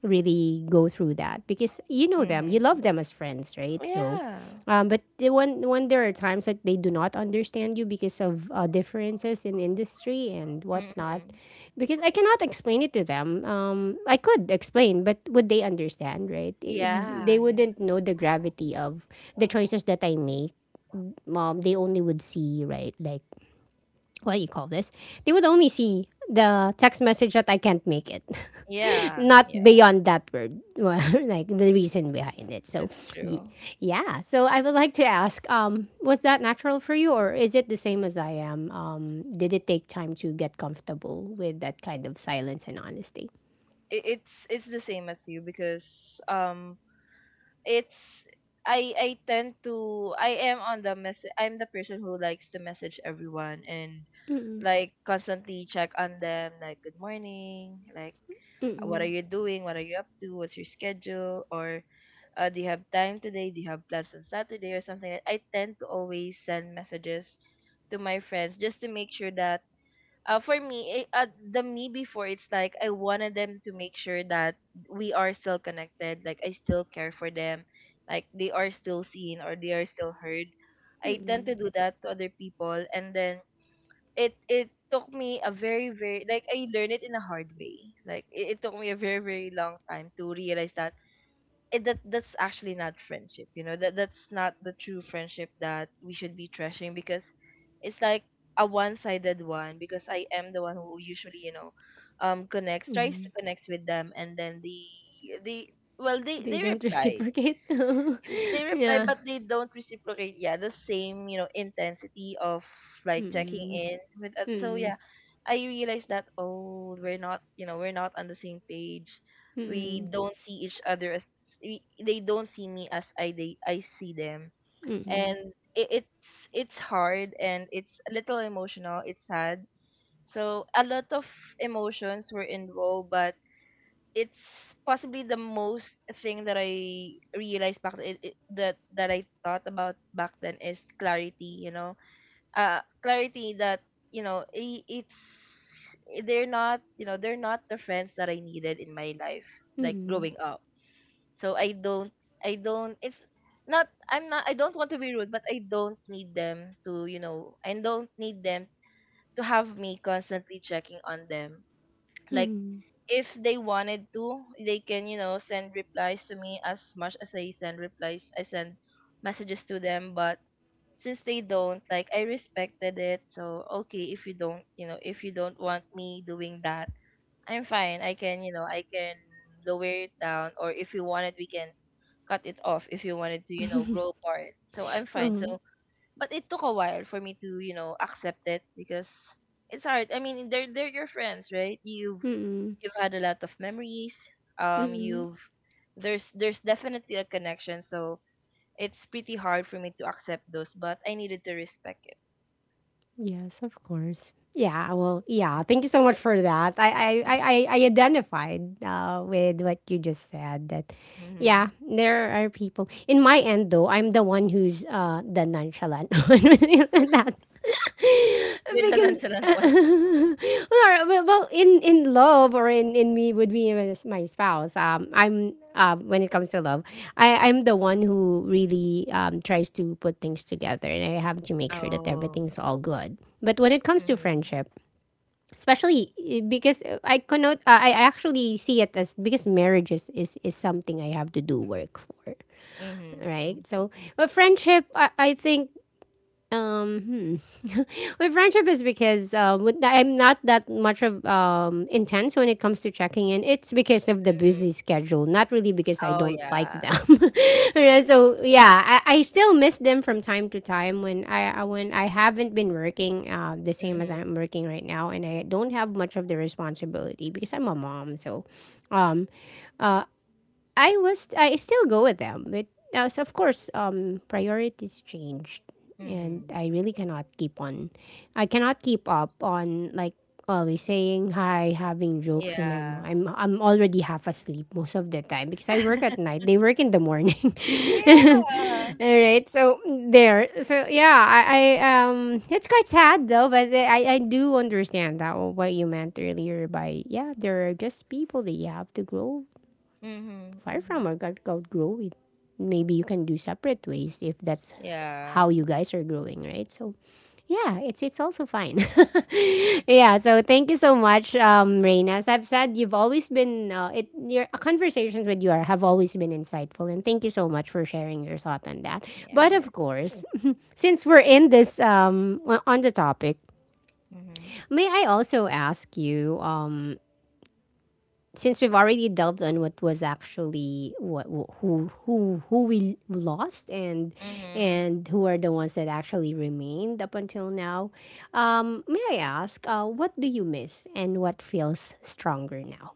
Speaker 1: really go through that because you know them, you
Speaker 2: Mm-hmm.
Speaker 1: love them as friends, right? So,
Speaker 2: Yeah.
Speaker 1: um, but the- when when there are times that they do not understand you because of uh, differences in industry and whatnot,
Speaker 2: Mm-hmm.
Speaker 1: because I cannot explain it to them. Um, I could explain, but would they understand, right? It, they
Speaker 2: Yeah,
Speaker 1: wouldn't know the gravity of the choices that I make. Um, they only would see, right, like what do you call this? They would only see the text message that I can't make it. [LAUGHS]
Speaker 2: yeah,
Speaker 1: Not
Speaker 2: yeah,
Speaker 1: beyond that word, [LAUGHS] well, like the reason behind it. So,
Speaker 2: that's
Speaker 1: y-
Speaker 2: true.
Speaker 1: yeah. So I would like to ask, um, was that natural for you, or is it the same as I am? Um, did it take time to get comfortable with that kind of silence and honesty?
Speaker 2: It, it's it's the same as you because, um, it's, I I tend to, I am on the message, I'm the person who likes to message everyone and
Speaker 1: Mm-mm,
Speaker 2: like constantly check on them, like good morning, like what are
Speaker 1: mm-mm,
Speaker 2: you doing, what are you up to, what's your schedule, or uh, do you have time today, do you have plans on Saturday or something. I tend to always send messages to my friends just to make sure that, uh, for me, it, uh, the me before, it's like I wanted them to make sure that we are still connected. Like I still care for them. Like they are still seen, or they are still heard. I tend
Speaker 1: mm-mm.
Speaker 2: to do that to other people, and then it it took me a very, very, like, I learned it in a hard way. Like, it, it took me a very, very long time to realize that it, that that's actually not friendship, you know, that that's not the true friendship that we should be treasuring, because it's like a one-sided one, because I am the one who usually, you know, um, connects, tries to connect with them, and then the the well, they
Speaker 1: They
Speaker 2: they
Speaker 1: don't
Speaker 2: reply.
Speaker 1: reciprocate. [LAUGHS]
Speaker 2: They reply,
Speaker 1: Yeah.
Speaker 2: but they don't reciprocate, yeah, the same, you know, intensity of like checking
Speaker 1: Mm-mm,
Speaker 2: in with us. So
Speaker 1: mm-mm,
Speaker 2: yeah, I realized that, oh, we're not, you know, we're not on the same page. We don't see each other as, we, they don't see me as I, they, I see them. And it, it's it's hard, and it's a little emotional, it's sad. So a lot of emotions were involved, but it's possibly the most thing that I realized back, it, it, that that I thought about back then, is clarity. You know, uh, clarity that, you know, I it's they're not, you know, they're not the friends that I needed in my life, like
Speaker 1: mm-mm,
Speaker 2: growing up. So I don't I don't it's not, I'm not I don't want to be rude, but I don't need them to, you know, I don't need them to have me constantly checking on them, like
Speaker 1: mm-mm,
Speaker 2: if they wanted to, they can, you know, send replies to me as much as I send replies. I send messages to them, but since they don't, like, I respected it. So, okay, if you don't, you know, if you don't want me doing that, I'm fine. I can, you know, I can lower it down, or if you wanted, we can cut it off if you wanted to, you know, grow apart. So, I'm fine. So,
Speaker 1: uh-huh,
Speaker 2: but it took a while for me to, you know, accept it, because it's hard. I mean, they're they're your friends, right? You've
Speaker 1: mm-mm,
Speaker 2: you've had a lot of memories. Um,
Speaker 1: mm-mm.
Speaker 2: you've, there's there's definitely a connection. So it's pretty hard for me to accept those, but I needed to respect it.
Speaker 1: Yes, of course. Yeah, well, yeah. Thank you so much for that. I I I, I I identified uh, with what you just said. That
Speaker 2: Mm-hmm.
Speaker 1: yeah, there are people. In my end, though, I'm the one who's uh, the nonchalant [LAUGHS] one [LAUGHS] that
Speaker 2: You're the
Speaker 1: because [LAUGHS]
Speaker 2: nonchalant one.
Speaker 1: well, well, well, in in love or in in me would be my my spouse um I'm um when it comes to love i i'm the one who really um tries to put things together and I have to make sure that
Speaker 2: Oh.
Speaker 1: everything's all good, but when it comes to
Speaker 2: Mm-hmm.
Speaker 1: friendship especially eh, because I cannot uh, i I actually see it as because marriage is, is is something I have to do work for,
Speaker 2: Mm-hmm. Mm-hmm.
Speaker 1: right? So but friendship, i, I think um, hmm. [LAUGHS] my friendship is because uh, with, I'm not that much of um intense when it comes to checking in. It's because of the busy schedule, not really because I
Speaker 2: Oh
Speaker 1: don't like
Speaker 2: yeah.
Speaker 1: them. [LAUGHS] Yeah, so yeah, I, I still miss them from time to time when I uh, when I haven't been working uh, the same as
Speaker 2: Mm-hmm.
Speaker 1: I'm working right now, and I don't have much of the responsibility because I'm a mom. So, um, uh, I was I still go with them, but now so of course um priorities changed, and
Speaker 2: Mm-hmm.
Speaker 1: I really cannot keep on, I cannot keep up on, like always saying hi, having jokes when I'm
Speaker 2: Yeah.
Speaker 1: I'm I'm already half asleep most of the time because I work
Speaker 2: [LAUGHS]
Speaker 1: at night. They work in the morning. [LAUGHS]
Speaker 2: Yeah.
Speaker 1: All right. So there. So yeah, I, I um it's quite sad though, but I I do understand that what you meant earlier by yeah, there are just people that you have to grow
Speaker 2: Mm-hmm.
Speaker 1: far
Speaker 2: Mm-hmm.
Speaker 1: from or out- outgrow it. Maybe you can do separate ways if that's
Speaker 2: Yeah.
Speaker 1: how you guys are growing, right? So yeah, it's it's also fine. [LAUGHS] Yeah. So thank you so much, um, Raina. As I've said, you've always been uh, it. Your conversations with you are, have always been insightful, and thank you so much for sharing your thought on that. But
Speaker 2: Yeah.
Speaker 1: of course, [LAUGHS] since we're in this um, on the topic,
Speaker 2: Mm-hmm.
Speaker 1: may I also ask you um, since we've already delved on what was actually what who who who we lost, and
Speaker 2: Mm-hmm.
Speaker 1: and who are the ones that actually remained up until now, um, may I ask, uh, what do you miss and what feels stronger now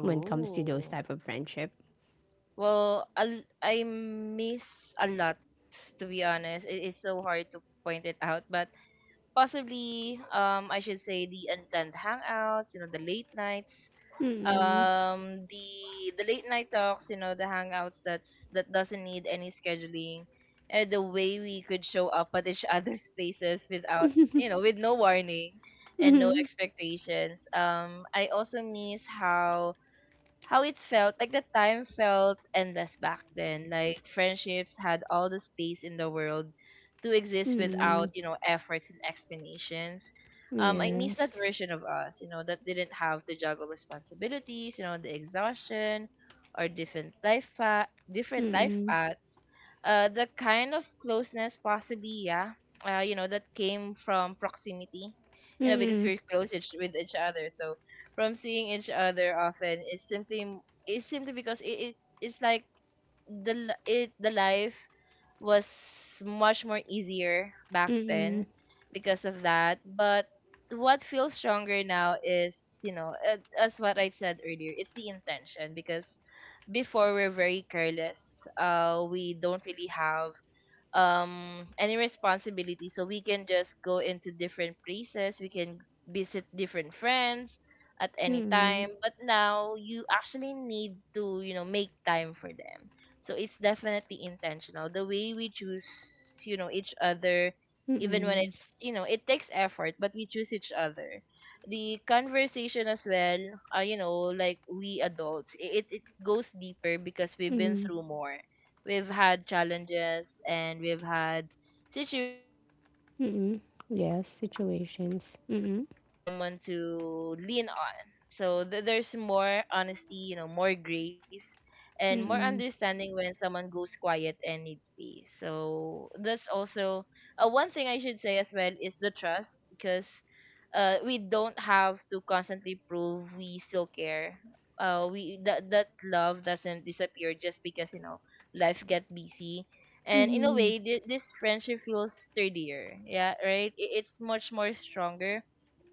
Speaker 1: when it comes to those type of friendship?
Speaker 2: Well, i I miss a lot, to be honest. It, it's so hard to point it out, but possibly, um, I should say the unplanned hangouts, you know, the late nights, um, the the late night talks, you know, the hangouts that's that doesn't need any scheduling, and the way we could show up at each [LAUGHS] other's places without, you know, with no warning and no expectations. Um, I also miss how how it felt like the time felt endless back then, like friendships had all the space in the world to exist without,
Speaker 1: Mm,
Speaker 2: you know, efforts and explanations. Um, I miss that
Speaker 1: yes.
Speaker 2: version of us, you know, that didn't have to juggle responsibilities, you know, the exhaustion or different life pa- different life paths, uh, the kind of closeness, possibly, yeah, uh, you know, that came from proximity, you know, because
Speaker 1: Mm-mm,
Speaker 2: we're close each- with each other, so from seeing each other often is simply m- is simply because it, it it's like the l- it the life was much more easier back then because of that. But what feels stronger now is, you know, uh, as what I said earlier, it's the intention, because before we're very careless, uh, we don't really have, um, any responsibility, so we can just go into different places, we can visit different friends at any
Speaker 1: mm-mm,
Speaker 2: time, but now you actually need to, you know, make time for them. So it's definitely intentional, the way we choose, you know, each other, even when
Speaker 1: mm-mm,
Speaker 2: it's, you know, it takes effort, but we choose each other. The conversation as well, uh, you know, like we adults, i- it, it goes deeper because we've been
Speaker 1: mm-mm,
Speaker 2: through more. We've had challenges, and we've had situation wherein we
Speaker 1: mm-mm.
Speaker 2: actually needed
Speaker 1: Yes,
Speaker 2: someone to rely on.
Speaker 1: situations.
Speaker 2: We
Speaker 1: Mm-mm,
Speaker 2: needed someone to lean on. So th- there's more honesty, you know, more grace and more
Speaker 1: mm-mm,
Speaker 2: understanding when someone goes quiet and needs space. So that's also, uh, one thing I should say as well is the trust, because, uh, we don't have to constantly prove we still care. Uh, we that that love doesn't disappear just because you know life get busy. And in a
Speaker 1: mm-mm,
Speaker 2: way th- this friendship feels sturdier, yeah, right, I- it's much more stronger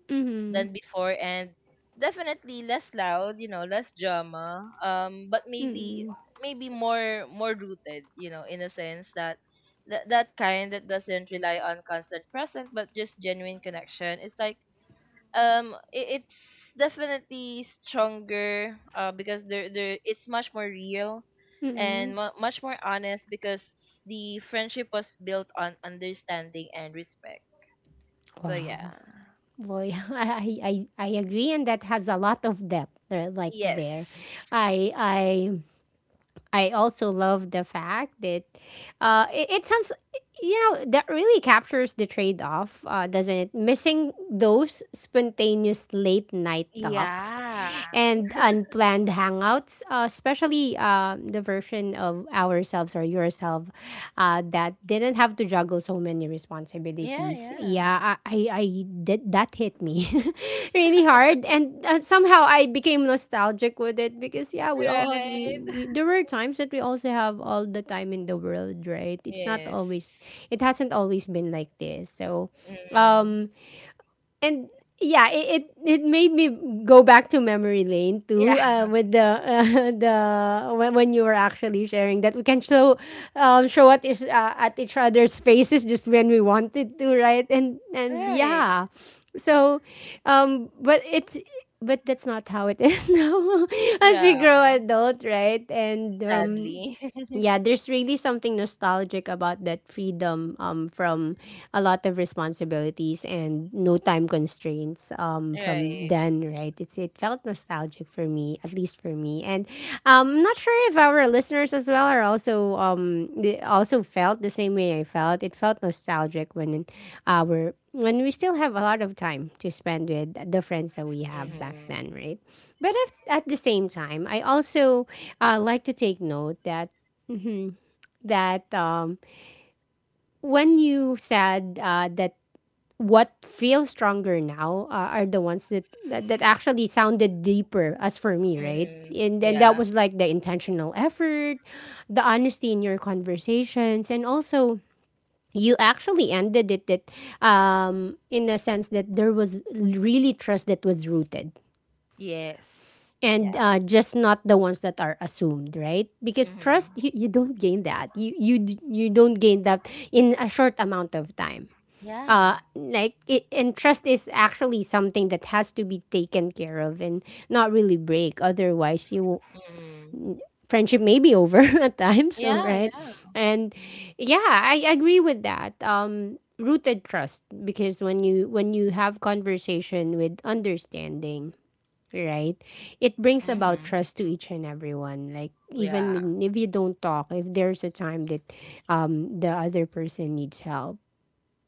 Speaker 1: mm-mm,
Speaker 2: than before and definitely less loud, you know less drama, um but maybe,
Speaker 1: mm-mm,
Speaker 2: maybe more more rooted, you know, in a sense that that, that kind that doesn't rely on constant present but just genuine connection. It's like, um i- it's definitely stronger uh because there there it's much more real
Speaker 1: mm-mm.
Speaker 2: and mu much more honest because the friendship was built on understanding and respect. So
Speaker 1: Wow.
Speaker 2: yeah.
Speaker 1: Well, yeah, [LAUGHS] I, I, I I agree, and that has a lot of depth. There, like there,
Speaker 2: Yes.
Speaker 1: I I I also love the fact that uh, it, it sounds you know that really captures the trade off, uh, doesn't it? Missing those spontaneous late night talks
Speaker 2: Yeah,
Speaker 1: and unplanned hangouts, uh, especially uh, the version of ourselves or yourself uh, that didn't have to juggle so many responsibilities
Speaker 2: yeah,
Speaker 1: responsibilities.
Speaker 2: yeah,
Speaker 1: Yeah, I I, I did that hit me [LAUGHS] really hard, and uh, somehow I became nostalgic with it because yeah, we all have we,
Speaker 2: right. [LAUGHS]
Speaker 1: we there were times that we also have all the time in the world, right? It's not
Speaker 2: Yes.
Speaker 1: always it hasn't always been like this, so
Speaker 2: Mm.
Speaker 1: um and yeah, it, it it made me go back to memory lane too.
Speaker 2: Yeah.
Speaker 1: Uh, with the uh, [LAUGHS] the when, when you were actually sharing that we can show um, show at each, uh, at each other's faces just when we wanted to, right? And
Speaker 2: [LAUGHS]
Speaker 1: and
Speaker 2: Right.
Speaker 1: yeah, so um, but it's but that's not how it is [LAUGHS] now as we
Speaker 2: Yeah,
Speaker 1: grow adult, right? And um,
Speaker 2: sadly. [LAUGHS]
Speaker 1: yeah, there's really something nostalgic about that freedom um, from a lot of responsibilities and no time constraints um, from
Speaker 2: Right.
Speaker 1: then, right? It's it felt nostalgic for me, at least for me, and um, I'm not sure if our listeners as well are also um they also felt the same way I felt. It felt nostalgic when our when we still have a lot of time to spend with the friends that we have back
Speaker 2: Mm-hmm.
Speaker 1: then, right? But if, at the same time, I also uh, like to take note that hmm that um, when you said uh, that what feels stronger now uh, are the ones that, that that actually sounded deeper as for me, right?
Speaker 2: Mm-hmm.
Speaker 1: And then that
Speaker 2: Yeah.
Speaker 1: was like the intentional effort, the honesty in your conversations, and also you actually ended it that um in a sense that there was really trust that was rooted
Speaker 2: Yes.
Speaker 1: and
Speaker 2: Yeah.
Speaker 1: uh, just not the ones that are assumed, right? Because trust,
Speaker 2: Mm-hmm.
Speaker 1: you, you don't gain that, you you d- you don't gain that in a short amount of time. uh
Speaker 2: Yeah.
Speaker 1: like it, and trust is actually something that has to be taken care of and not really break, otherwise you will-
Speaker 2: Mm.
Speaker 1: friendship may be over [LAUGHS] at times, so
Speaker 2: Yeah,
Speaker 1: right.
Speaker 2: yeah.
Speaker 1: And yeah, I agree with that, um rooted trust, because when you when you have conversation with understanding, right? It brings about
Speaker 2: Hmm.
Speaker 1: trust to each and everyone. Like even
Speaker 2: Yeah.
Speaker 1: when- if you don't talk, if there's a time that um, the other person needs help,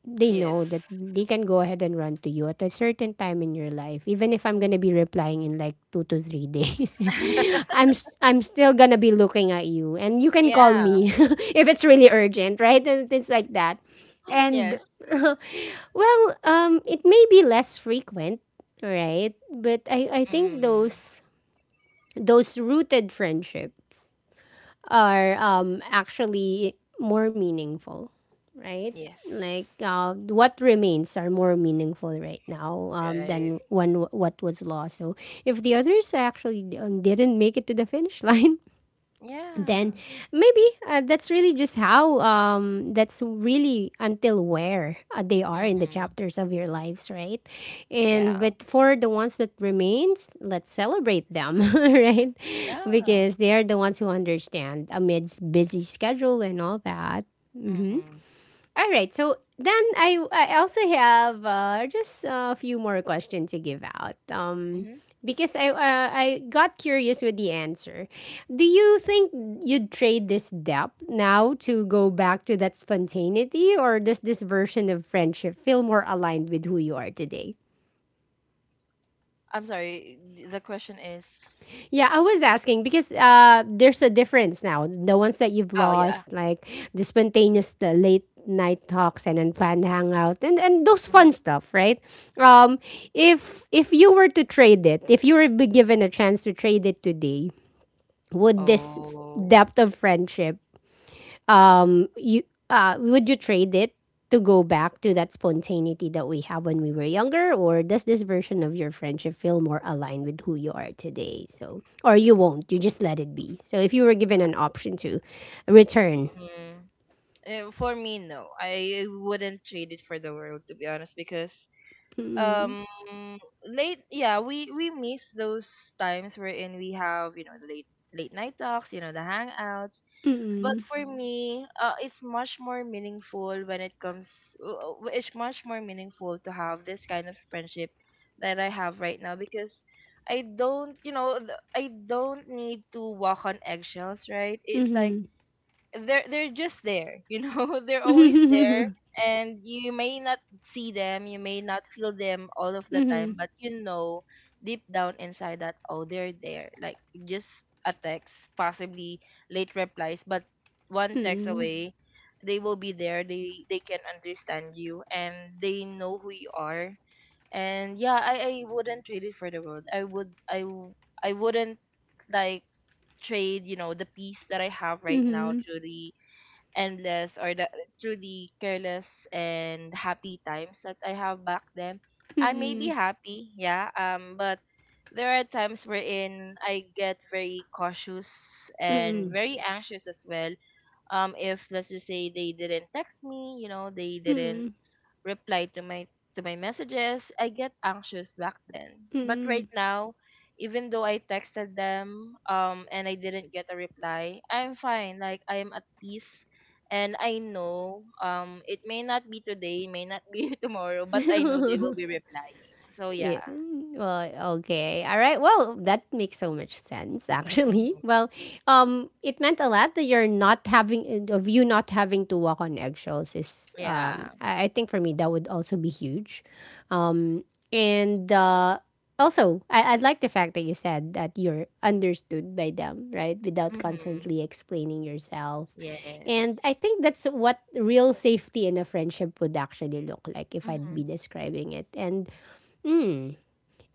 Speaker 1: they
Speaker 2: Yes.
Speaker 1: know that they can go ahead and run to you at a certain time in your life even if I'm going to be replying in like two to three days. [LAUGHS]
Speaker 2: [LAUGHS]
Speaker 1: i'm s- I'm still going to be looking at you and you can call
Speaker 2: Yeah.
Speaker 1: me [LAUGHS] if it's really urgent, right? And things like that. And
Speaker 2: Yes.
Speaker 1: [LAUGHS] well um it may be less frequent, right? But i i think
Speaker 2: Mm.
Speaker 1: those those rooted friendship are um, actually more meaningful, right?
Speaker 2: Yes.
Speaker 1: Like uh, what remains are more meaningful right now um, than
Speaker 2: Right.
Speaker 1: when what was lost. So if the others actually um, didn't make it to the finish [LAUGHS] line, then
Speaker 2: Yeah.
Speaker 1: maybe uh, that's really just how um that's really until where uh, they are in the
Speaker 2: Mm-hmm.
Speaker 1: chapters of your lives, right? And
Speaker 2: Yeah.
Speaker 1: but for the ones that remains, let's celebrate them [LAUGHS] right,
Speaker 2: Yeah.
Speaker 1: because they are the ones who understand amidst busy schedule and all that. Mm-hmm.
Speaker 2: Mm-hmm.
Speaker 1: All right. So then I I also have uh, just a few more questions to give out. Um,
Speaker 2: Mm-hmm.
Speaker 1: because I uh, I got curious with the answer. Do you think you'd trade this depth now to go back to that spontaneity, or does this version of friendship feel more aligned with who you are today?
Speaker 2: I'm sorry. th- The question is.
Speaker 1: Yeah, I was asking because uh, there's a difference now. The ones that you've
Speaker 2: Oh yeah.
Speaker 1: lost, like the spontaneous, the late night talks and unplanned hangout, and and those
Speaker 2: Mm-hmm.
Speaker 1: fun stuff, right? Um, if if you were to trade it, if you were be given a chance to trade it today, would this f-
Speaker 2: Oh.
Speaker 1: depth of friendship um you uh would you trade it to go back to that spontaneity that we have when we were younger, or does this version of your friendship feel more aligned with who you are today? So or you won't, you just let it be, so if you were given an option to return.
Speaker 2: Mm. Eh, For me, no. I wouldn't trade it for the world, to be honest, because
Speaker 1: Mm-mm,
Speaker 2: um late, yeah, we we miss those times wherein we have, you know, late late night talks, you know, the hangouts, but
Speaker 1: mm-mm,
Speaker 2: for, mm-hmm, me uh it's much more meaningful when it comes uh, uh, it's much more meaningful to have this kind of friendship that I have right now because I don't, you know, th- i don't need to walk on eggshells, right? It's like
Speaker 1: mm-hmm,
Speaker 2: they're they're just there, you know. [LAUGHS] They're
Speaker 1: [LAUGHS]
Speaker 2: always there,
Speaker 1: mm-hmm,
Speaker 2: and you may not see them, you may not feel them all of the time, but you know deep down inside that, oh, they're there. Like just a text, possibly late replies, but one text
Speaker 1: mm-hmm,
Speaker 2: away they will be there. They they can understand you and they know who you are. And yeah, i i wouldn't trade it for the world. I would, i w- i wouldn't, like, trade, you know, the peace that I have right now
Speaker 1: mm-hmm,
Speaker 2: to the endless, or the, through the careless and happy times that I have back then. I may be
Speaker 1: mm-hmm,
Speaker 2: happy, yeah, um, but there are times wherein I get very cautious and
Speaker 1: mm-hmm,
Speaker 2: very anxious as well. Um, if let's just say they didn't text me, you know, they didn't
Speaker 1: mm-hmm,
Speaker 2: reply to my to my messages, I get anxious back then. But
Speaker 1: mm-hmm.
Speaker 2: right now, even though I texted them um and I didn't get a reply, I'm fine. Like I'm at peace, and I know, um it may not be today, may not be [LAUGHS] tomorrow, but I know they will be replying. So yeah.
Speaker 1: Yeah. Mm, well, okay. All right. Well, that makes so much sense actually.
Speaker 2: Mhm.
Speaker 1: [LAUGHS] Well, um it meant a lot that you're not having uh, of you not having to walk on eggshells is um
Speaker 2: Yeah.
Speaker 1: I, I think for me that would also be huge. Um and uh also I, I like the fact that you said that you're understood by them, right? Without
Speaker 2: Mhm.
Speaker 1: constantly explaining yourself.
Speaker 2: Yes.
Speaker 1: And I think that's what real safety in a friendship would actually look like if I'd be
Speaker 2: Mhm.
Speaker 1: describing it. And hmm,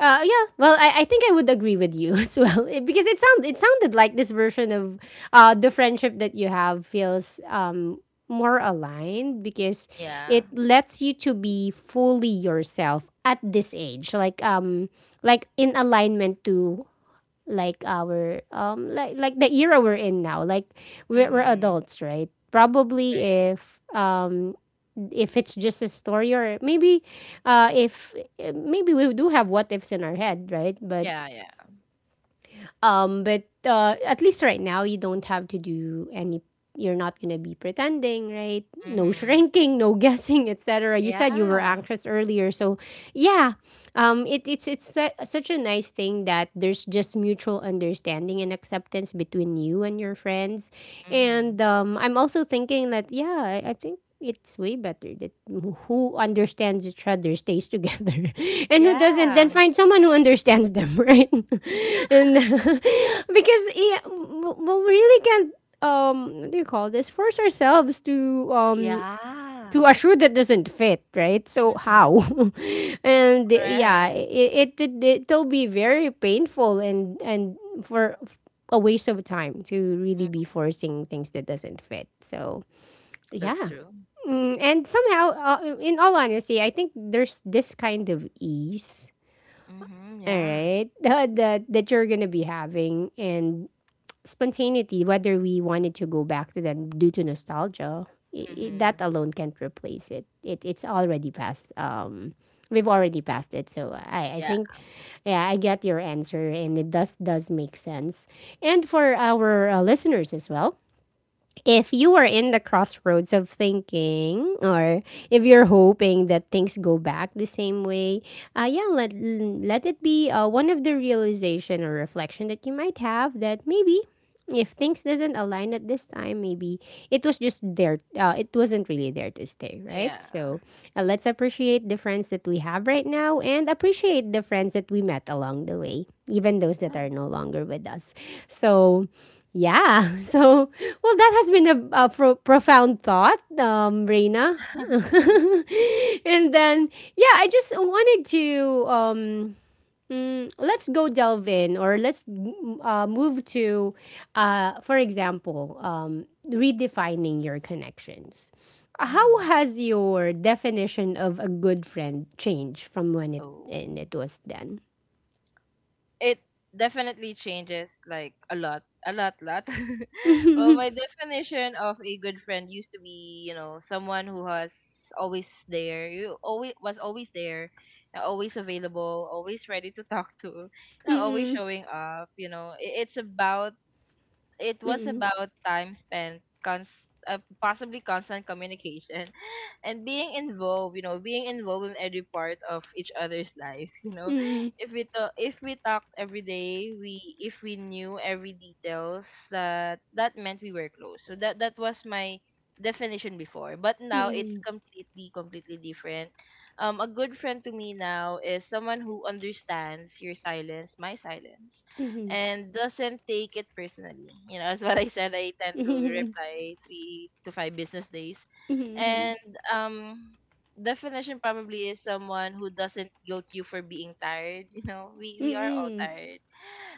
Speaker 1: uh, yeah, well, I, I think I would agree with you [LAUGHS] as well. It- because it sound it sounded like this version of uh, the friendship that you have feels um, more aligned because
Speaker 2: Yeah.
Speaker 1: it lets you to be fully yourself at this age, like um like in alignment to like our um like like the era we're in now. Like we're, we're
Speaker 2: Mhm.
Speaker 1: adults, right? Probably
Speaker 2: Right.
Speaker 1: if um if it's just a story, or maybe uh, if maybe we do have what ifs in our head, right? But
Speaker 2: Yeah, yeah.
Speaker 1: um but uh, at least right now you don't have to do any, you're not going to be pretending, right? No
Speaker 2: Mhm.
Speaker 1: shrinking, no [LAUGHS] guessing, etc. You said you were
Speaker 2: Yeah.
Speaker 1: anxious earlier, so yeah. Um, it, it's it's su- such a nice thing that there's just mutual understanding and acceptance between you and your friends. And
Speaker 2: Mhm.
Speaker 1: um, I'm also thinking that yeah, I, I think it's way better that who understands each other stays together, [LAUGHS] and who doesn't then
Speaker 2: Yeah.
Speaker 1: find someone who understands them, [LAUGHS] right? [LAUGHS] And [LAUGHS] because yeah, we we really can't um what do you call this, force ourselves to um
Speaker 2: Yeah.
Speaker 1: to a shoe that doesn't fit, right? So
Speaker 2: Mm-hmm.
Speaker 1: how? [LAUGHS] And yeah,
Speaker 2: Right.
Speaker 1: it, it it it'll be very painful, and and for a waste of time to really be
Speaker 2: Mm.
Speaker 1: forcing things that doesn't fit. So
Speaker 2: That's
Speaker 1: yeah.
Speaker 2: true.
Speaker 1: Mm, and somehow, uh, in all honesty, I think there's this kind of ease,
Speaker 2: Mm-hmm.
Speaker 1: all
Speaker 2: Yeah.
Speaker 1: right, [LAUGHS] that that you're gonna be having, and spontaneity. Whether we wanted to go back to them due to nostalgia, I I
Speaker 2: Mm-hmm.
Speaker 1: that alone can't replace it. it it's already past. Um, we've already passed it. So I, I
Speaker 2: Yeah.
Speaker 1: think, yeah, I get your answer, and it does does make sense. And for our uh, listeners as well, if you are in the crossroads of thinking, or if you're hoping that things go back the same way, uh, yeah, let let it be uh, one of the realization or reflection that you might have, that maybe if things doesn't align at this time, maybe it was just there. Uh, it wasn't really there to stay, right?
Speaker 2: Yeah.
Speaker 1: So uh, let's appreciate the friends that we have right now and appreciate the friends that we met along the way, even those that
Speaker 2: Yeah.
Speaker 1: are no longer with us. So, yeah. [LAUGHS] So, well, that has been a, a pro- profound thought, um, Reina. [LAUGHS]
Speaker 2: [LAUGHS]
Speaker 1: And then, yeah, I just wanted to. Um, Mm, let's go delve in, or let's mm, uh, move to, uh, for example, um, redefining your connections. How
Speaker 2: Mm-hmm.
Speaker 1: has your definition of a good friend changed from when it
Speaker 2: Oh.
Speaker 1: and it was then?
Speaker 2: It definitely changes like a lot, a lot, lot. [LAUGHS] Well, my
Speaker 1: [LAUGHS]
Speaker 2: definition of a good friend used to be, you know, someone who was always there. You always was Always there, and always available, always ready to talk to, you know, always
Speaker 1: Mm-mm,
Speaker 2: showing up. You know, I- it's about, it was
Speaker 1: mm-mm,
Speaker 2: about time spent, cons- uh, possibly constant communication, [LAUGHS] and being involved, you know, being involved in every part of each other's life. [LAUGHS] You know,
Speaker 1: mm-mm,
Speaker 2: if we talk, if we talked every day, we if we knew every details, that, that meant we were close. So that, that was my definition before, but now it's
Speaker 1: mm-mm,
Speaker 2: completely completely different. Um, a good friend to me now is someone who understands your silence, my silence,
Speaker 1: mm-mm,
Speaker 2: and doesn't take it personally. You know, as what I said, I
Speaker 1: [LAUGHS]
Speaker 2: tend
Speaker 1: mm-mm,
Speaker 2: to
Speaker 1: mm-mm,
Speaker 2: reply three to five business days. And um definition probably is someone who doesn't guilt you for being tired. [LAUGHS] You know, we, we are all
Speaker 1: mm-mm,
Speaker 2: tired.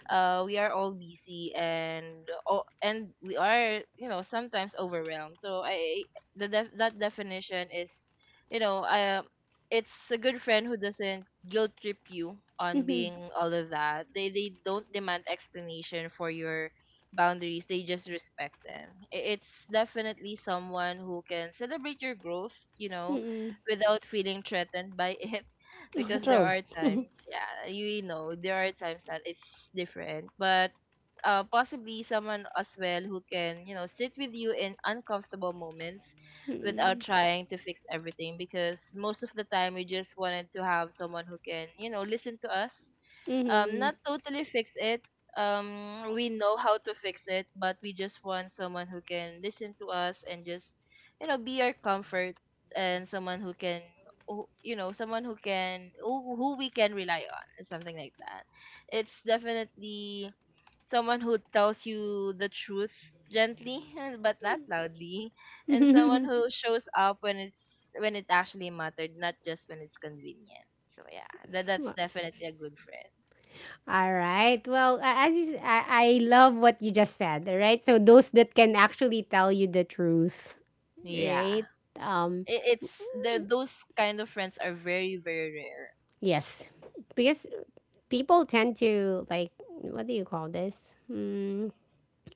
Speaker 2: Uh we are all busy and, oh, and we are, you know, sometimes overwhelmed. So I the def- that definition is, you know, uh, it's a good friend who doesn't guilt trip you
Speaker 1: mm-mm,
Speaker 2: on
Speaker 1: mm-mm,
Speaker 2: being all of that. They they don't demand explanation for your boundaries. They just respect them. I- It's definitely someone who can celebrate your growth, you know,
Speaker 1: mm-mm.
Speaker 2: without feeling threatened by [LAUGHS] it. Because there
Speaker 1: True.
Speaker 2: are times, yeah, you know, there are times that it's different, but uh, possibly someone as well who can, you know, sit with you in uncomfortable moments without
Speaker 1: Mm-mm,
Speaker 2: trying to fix everything, because most of the time we just wanted to have someone who can, you know, listen to us. Um not totally fix it. Um we know how to fix it, but we just want someone who can listen to us and just, you know, be our comfort, and someone who can, who- you know someone who can, who, who we can rely on or something like that. It's definitely someone who tells you the truth gently, [LAUGHS] but not loudly, and someone
Speaker 1: mm-mm.
Speaker 2: who shows up when it's when it actually mattered, not just when it's convenient. So yeah, that that's
Speaker 1: [LAUGHS]
Speaker 2: definitely a good friend.
Speaker 1: All right. Well, a- as you, s- I, I love what you just said. All right. So those that can actually tell you the truth,
Speaker 2: Yeah.
Speaker 1: right? Um,
Speaker 2: It, it's there. Those kind of friends are very, very rare.
Speaker 1: yes, because people tend to like, what do you call this? Mm,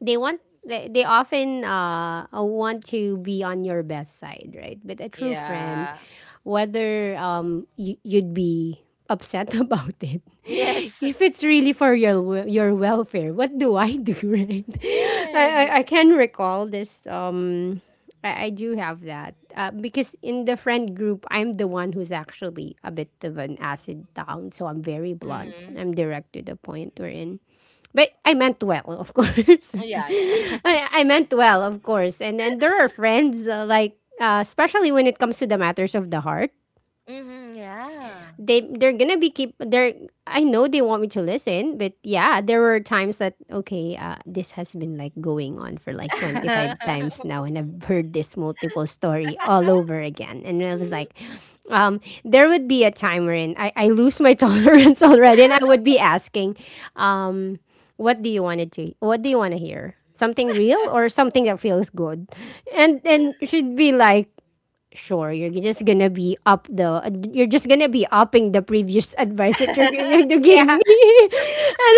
Speaker 1: they want they, they often uh, uh, want to be on your best side, right? But a true friend,
Speaker 2: Yeah.
Speaker 1: whether um you, you'd be upset [LAUGHS] about it,
Speaker 2: Yes. [LAUGHS]
Speaker 1: if it's really for your wel- your welfare, what do I do? [LAUGHS] Right? i i,
Speaker 2: Right.
Speaker 1: I can recall this. Um I, I do have that uh, because in the friend group I'm the one who's actually a bit of an acid tongue. So I'm very blunt,
Speaker 2: Mm-hmm.
Speaker 1: I'm direct to the point we're in, but I meant well, of course. [LAUGHS]
Speaker 2: Yeah, yeah.
Speaker 1: I,
Speaker 2: [LAUGHS]
Speaker 1: I meant well, of course. And then there are friends, uh, like, uh, especially when it comes to the matters of the heart,
Speaker 2: Mm-hmm, yeah.
Speaker 1: they they're gonna be keep they're I know they want me to listen, but yeah, there were times that okay, uh, this has been like going on for like twenty five times
Speaker 2: [LAUGHS]
Speaker 1: now, and I've heard this multiple story all over again, and I was like, um, there would be a time wherein I I lose my [LAUGHS] tolerance already, and I would be asking, um, what do you want it to what do you want to hear, something real or something that feels good? and and she'd be like, sure, you're just gonna be up the you're just gonna be upping the previous [LAUGHS] advice that
Speaker 2: [LAUGHS]
Speaker 1: you're gonna you
Speaker 2: Yeah.
Speaker 1: gave me. [LAUGHS] and,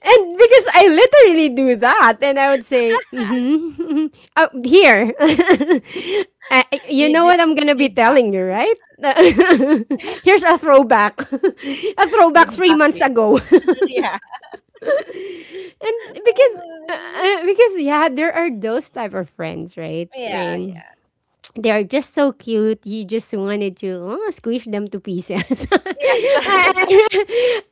Speaker 1: and because I literally do that, and I would say mm-hmm, [LAUGHS] uh, here. [LAUGHS] Uh, you know
Speaker 2: Read this,
Speaker 1: what I'm gonna be
Speaker 2: read back.
Speaker 1: telling you, right? [LAUGHS]
Speaker 2: [LAUGHS]
Speaker 1: Here's a throwback, [LAUGHS] a
Speaker 2: Do
Speaker 1: throwback
Speaker 2: the
Speaker 1: three
Speaker 2: back
Speaker 1: months
Speaker 2: read.
Speaker 1: ago. [LAUGHS]
Speaker 2: [LAUGHS]
Speaker 1: And
Speaker 2: Yeah. Oh
Speaker 1: because uh,
Speaker 2: my.
Speaker 1: uh, because yeah, there are those type of friends, right?
Speaker 2: Yeah,
Speaker 1: I,
Speaker 2: yeah.
Speaker 1: they are just so cute. You just wanted to, oh, squish them to pieces. [LAUGHS]
Speaker 2: Yes.
Speaker 1: Alright,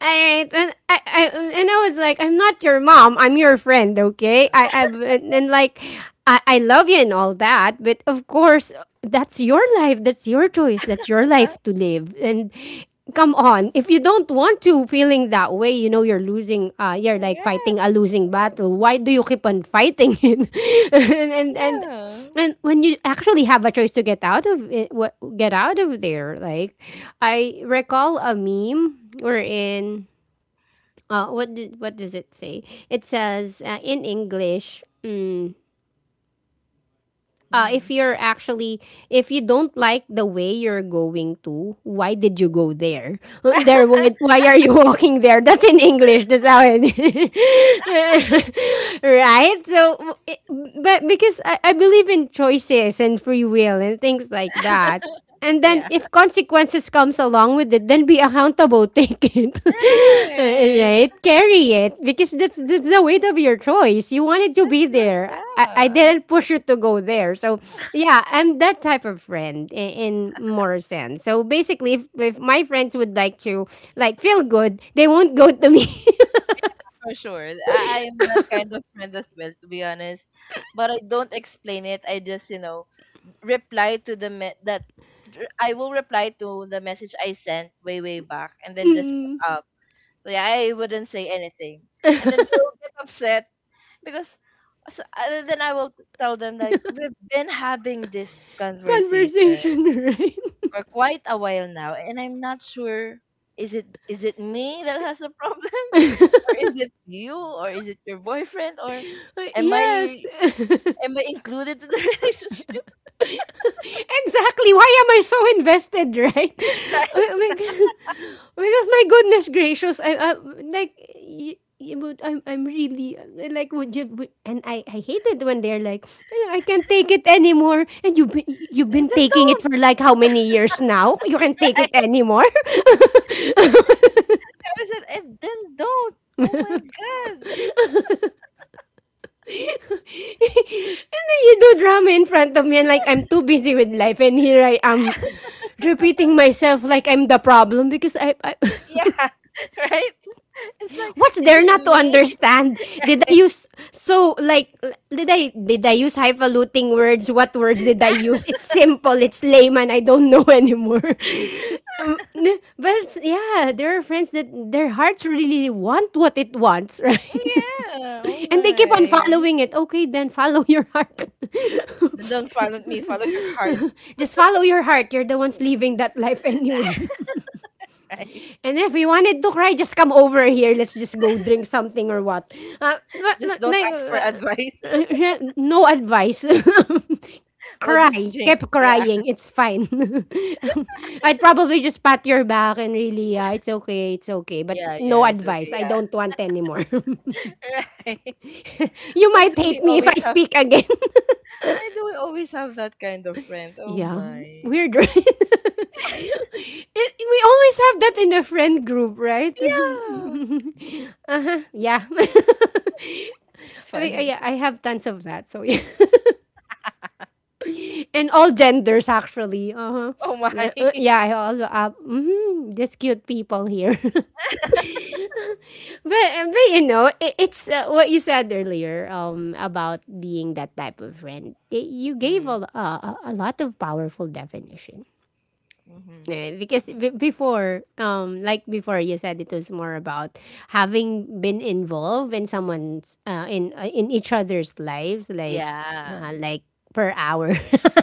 Speaker 1: and I, I and I was like, I'm not your mom. I'm your friend. Okay, I, I and, and like, I, I love you and all that, but of course, that's your life. That's your choice. That's your life
Speaker 2: [LAUGHS]
Speaker 1: to live. And come on, if you don't want to feeling that way, you know you're losing. Uh, you're like
Speaker 2: Yeah.
Speaker 1: fighting a losing battle. Why do you keep on fighting it? [LAUGHS] and and, and
Speaker 2: Yeah.
Speaker 1: and when you actually have a choice to get out of it, what, get out of there. Like I recall a meme wherein uh, what did, what does it say? It says uh, in English, mm, uh,
Speaker 2: Mm-hmm.
Speaker 1: if you're actually, if you don't like the way you're going to, why did you go there? [LAUGHS] There, why,
Speaker 2: [LAUGHS]
Speaker 1: why are you [LAUGHS] walking there? That's in English, that's how it. [LAUGHS] Right? So w- it- but because I, I believe in choices and free will and things like that, and then
Speaker 2: Yeah.
Speaker 1: if consequences comes along with it, then be accountable. [LAUGHS] Take it. [LAUGHS]
Speaker 2: Right.
Speaker 1: Right? Carry it, because that's that's the weight of your choice. You wanted to be
Speaker 2: That's your,
Speaker 1: there. I, I
Speaker 2: yeah.
Speaker 1: didn't push you to go there. So yeah, I'm that type of friend in, in more sense. So basically, if, if my friends would like to like feel good, they won't go to me. [LAUGHS]
Speaker 2: For sure. I, I am that kind of friend as well, to be honest. But I don't explain it. I just, you know, reply to the me- that, I will reply to the message I sent way, way back, and then just put
Speaker 1: Mm,
Speaker 2: up. So yeah, I wouldn't say anything, and then they will get upset because. So, uh, then I will tell them like we've been having this conversation
Speaker 1: conversation, right?
Speaker 2: for quite a while now, and I'm not sure is it, is it me that has a [LAUGHS] problem, [LAUGHS] or is it you? Or is it your boyfriend? Or
Speaker 1: [LAUGHS]
Speaker 2: am
Speaker 1: Yes.
Speaker 2: I
Speaker 1: [LAUGHS]
Speaker 2: am I included in the [LAUGHS] relationship?
Speaker 1: Exactly. Why am I so invested, right? [LAUGHS]
Speaker 2: Right?
Speaker 1: Because because my goodness gracious, I, I like, y- y- but I'm I'm really like, would you, would, and I I hate it when they're like, "Well, I can't take it anymore," and you've been you've
Speaker 2: And
Speaker 1: been
Speaker 2: then
Speaker 1: taking it
Speaker 2: don't.
Speaker 1: for like how many years now, you
Speaker 2: [LAUGHS]
Speaker 1: can't take it
Speaker 2: I,
Speaker 1: anymore. [LAUGHS]
Speaker 2: I said, and then don't. Oh my god. [LAUGHS]
Speaker 1: And then you do drama in front of me, and like I'm too busy with life, and here I am repeating myself like I'm the problem, because I, I [LAUGHS]
Speaker 2: Yeah. [LAUGHS] Right? It's like,
Speaker 1: what's
Speaker 2: is
Speaker 1: there not
Speaker 2: it
Speaker 1: to
Speaker 2: me?
Speaker 1: understand? Did I use so like l- did I did I use highfalutin words? What words did
Speaker 2: [LAUGHS]
Speaker 1: I use? It's simple. It's layman. I don't know [LAUGHS] anymore. Um, n- but it's, yeah, there are friends that their hearts really want what it wants, [LAUGHS] right?
Speaker 2: Yeah. Oh
Speaker 1: And they keep on
Speaker 2: my.
Speaker 1: following it. Okay, then follow your heart.
Speaker 2: Then don't follow me. Follow your heart.
Speaker 1: [LAUGHS] Just follow your heart. You're the ones living that life [LAUGHS] anyway.
Speaker 2: [LAUGHS] Right?
Speaker 1: And if you wanted to cry, just come over here. Let's just go drink something or what. Uh, na-
Speaker 2: Just
Speaker 1: na-
Speaker 2: don't ask for
Speaker 1: na-
Speaker 2: advice. [LAUGHS]
Speaker 1: uh, no advice. [LAUGHS]
Speaker 2: We'll just
Speaker 1: Cry.
Speaker 2: drink.
Speaker 1: Keep
Speaker 2: Yeah.
Speaker 1: crying. It's fine. [LAUGHS] I'd probably just pat your back and really, yeah, it's okay, it's okay. But
Speaker 2: Yeah.
Speaker 1: no
Speaker 2: Yeah. It's okay.
Speaker 1: advice. I
Speaker 2: Yeah.
Speaker 1: don't want anymore.
Speaker 2: [LAUGHS] Right.
Speaker 1: [LAUGHS] You
Speaker 2: Why do
Speaker 1: might
Speaker 2: we
Speaker 1: hate me if I
Speaker 2: always have,
Speaker 1: speak again. [LAUGHS]
Speaker 2: why do we always have that kind of friend? Oh
Speaker 1: Yeah.
Speaker 2: my.
Speaker 1: Weird, right? [LAUGHS] It, we always have that in a friend group, right?
Speaker 2: Yeah.
Speaker 1: [LAUGHS] Uh-huh. Yeah. [LAUGHS]
Speaker 2: It's
Speaker 1: I mean, uh,
Speaker 2: funny.
Speaker 1: yeah, I have tons of that. So yeah,
Speaker 2: [LAUGHS]
Speaker 1: [LAUGHS] and all genders actually. Uh-huh.
Speaker 2: Oh my.
Speaker 1: Uh, uh,
Speaker 2: [LAUGHS]
Speaker 1: yeah, I all uh, mm, just cute people here. [LAUGHS] But uh, but you know, it, it's uh, what you said earlier um about being that type of friend. Y- you gave
Speaker 2: Mm-hmm.
Speaker 1: a l- uh, a a lot of powerful definition.
Speaker 2: Mm-hmm.
Speaker 1: Eh, because b- before, um like before, you said it was more about having been involved in someone's uh, in uh, in each other's lives, like
Speaker 2: Yeah.
Speaker 1: yeah, like per hour.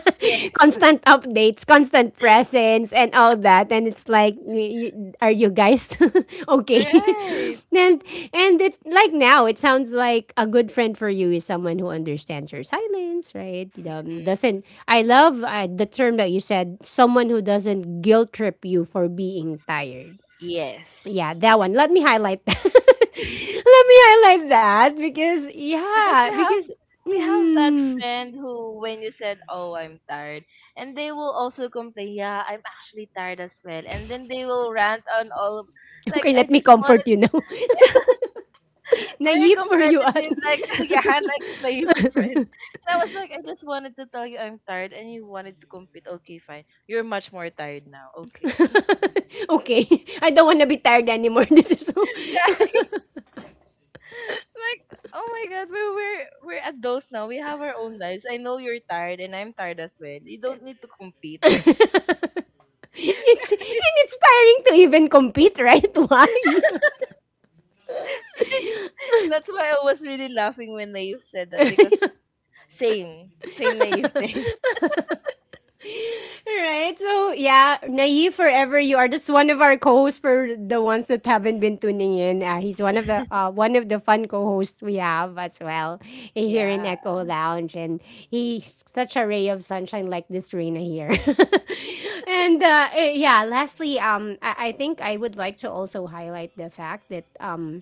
Speaker 1: [LAUGHS]
Speaker 2: Yes.
Speaker 1: Constant updates, constant
Speaker 2: [LAUGHS]
Speaker 1: presence, and all that. And it's like, y- y- are you guys [LAUGHS] okay?
Speaker 2: Right.
Speaker 1: [LAUGHS] and and it like, now it sounds like a good friend for you is someone who understands your silence, right? Um,
Speaker 2: Mm.
Speaker 1: doesn't, I love uh, the term that you said, someone who doesn't guilt trip you for being tired.
Speaker 2: Yes.
Speaker 1: Yeah, that one.
Speaker 2: Be-
Speaker 1: Let me highlight. [LAUGHS] That. Let me highlight that, because
Speaker 2: Because
Speaker 1: yeah,
Speaker 2: we have,
Speaker 1: because.
Speaker 2: we have that
Speaker 1: Mm,
Speaker 2: friend who when you said, "Oh, I'm tired," and they will also complain, "Yeah, I'm actually tired as well," and then they will rant on all of,
Speaker 1: [LAUGHS]
Speaker 2: like,
Speaker 1: okay,
Speaker 2: I
Speaker 1: let me
Speaker 2: just
Speaker 1: comfort you
Speaker 2: wanted,
Speaker 1: now. [LAUGHS]
Speaker 2: very
Speaker 1: Naive for you at
Speaker 2: competitive, like, [LAUGHS] yeah, like slave friend. And I was like, I just wanted to tell you I'm tired, and you wanted to compete. Okay, fine. You're much more tired now. Okay.
Speaker 1: [LAUGHS] okay. I don't want to be tired anymore. [LAUGHS] This is so [LAUGHS]
Speaker 2: [LAUGHS] Right? Like, oh my god, we're we're we're adults now. We have our own lives. I know you're tired, and I'm tired as well. You don't need to compete.
Speaker 1: it's, and it's tiring to even compete, right? [LAUGHS] Why?
Speaker 2: [LAUGHS] That's why I was really laughing when Naive said that because same, same Naive thing.
Speaker 1: Right. So yeah, Naive Forever, you are just one of our co-hosts for the ones that haven't been tuning in. Uh, he's one of the uh, one of the fun co-hosts we have as well eh, here in
Speaker 2: [LAUGHS] Yeah.
Speaker 1: Echo Lounge, and he's such a ray of sunshine like this Reina here. [LAUGHS] and uh, eh, yeah, lastly, um, I-, I think I would like to also highlight the fact that um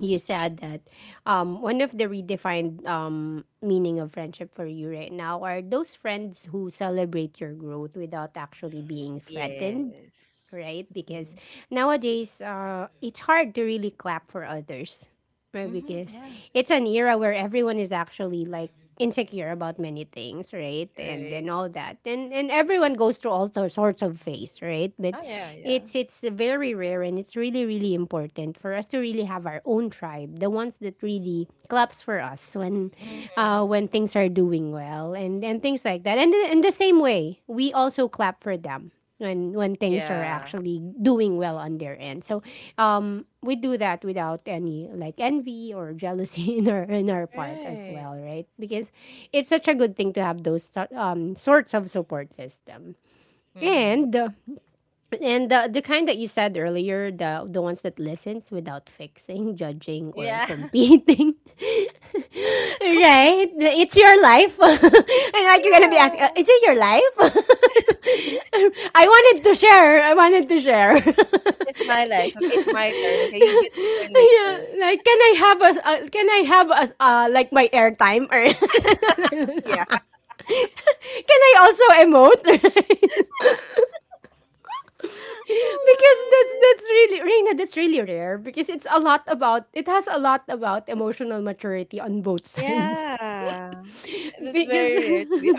Speaker 1: you said that um, one of the redefined um, meaning of friendship for you right now are those friends who celebrate your growth without actually being threatened,
Speaker 2: Yes.
Speaker 1: right? Because
Speaker 2: Mm-hmm.
Speaker 1: nowadays, uh, it's hard to really clap for others, right?
Speaker 2: Mm-hmm.
Speaker 1: Because
Speaker 2: Yeah.
Speaker 1: it's an era where everyone is actually like insecure about many things, right? And
Speaker 2: Right.
Speaker 1: and all that, and and everyone goes through all those sorts of phase, right? But
Speaker 2: Oh yeah, yeah.
Speaker 1: it's it's very rare, and it's really really important for us to really have our own tribe, the ones that really claps for us when
Speaker 2: Mm-hmm.
Speaker 1: uh, when things are doing well, and and things like that, and in the same way, we also clap for them when when things are
Speaker 2: Yeah.
Speaker 1: actually doing well on their end. So um we do that without any like envy or jealousy [LAUGHS] in our in our part as
Speaker 2: Right.
Speaker 1: well, right? Because it's such a good thing to have those sor- um sorts of support system.
Speaker 2: Mm-hmm.
Speaker 1: And uh, and the, the kind that you said earlier, the the ones that listens without fixing, [LAUGHS] judging or
Speaker 2: Yeah.
Speaker 1: competing. [LAUGHS]
Speaker 2: [LAUGHS] Compete.
Speaker 1: Right? It's your life. [LAUGHS] And like you're gonna be asking, uh,
Speaker 2: Yeah.
Speaker 1: is it your life? [LAUGHS] I wanted to share. I wanted to share. [LAUGHS] Yeah,
Speaker 2: It, it's my life. Okay? It's my turn. Okay, you get your turn later. [LAUGHS]
Speaker 1: like can I have a uh, can I have a uh, like my airtime, or [LAUGHS]
Speaker 2: Yeah.
Speaker 1: can I also emote? [LAUGHS] Because
Speaker 2: Oh
Speaker 1: that's
Speaker 2: what?
Speaker 1: that's really Reina, that's really rare because it's a lot about it has a lot about emotional maturity on both sides.
Speaker 2: Yeah.
Speaker 1: [LAUGHS]
Speaker 2: That's
Speaker 1: Because
Speaker 2: very rare to
Speaker 1: [LAUGHS]
Speaker 2: be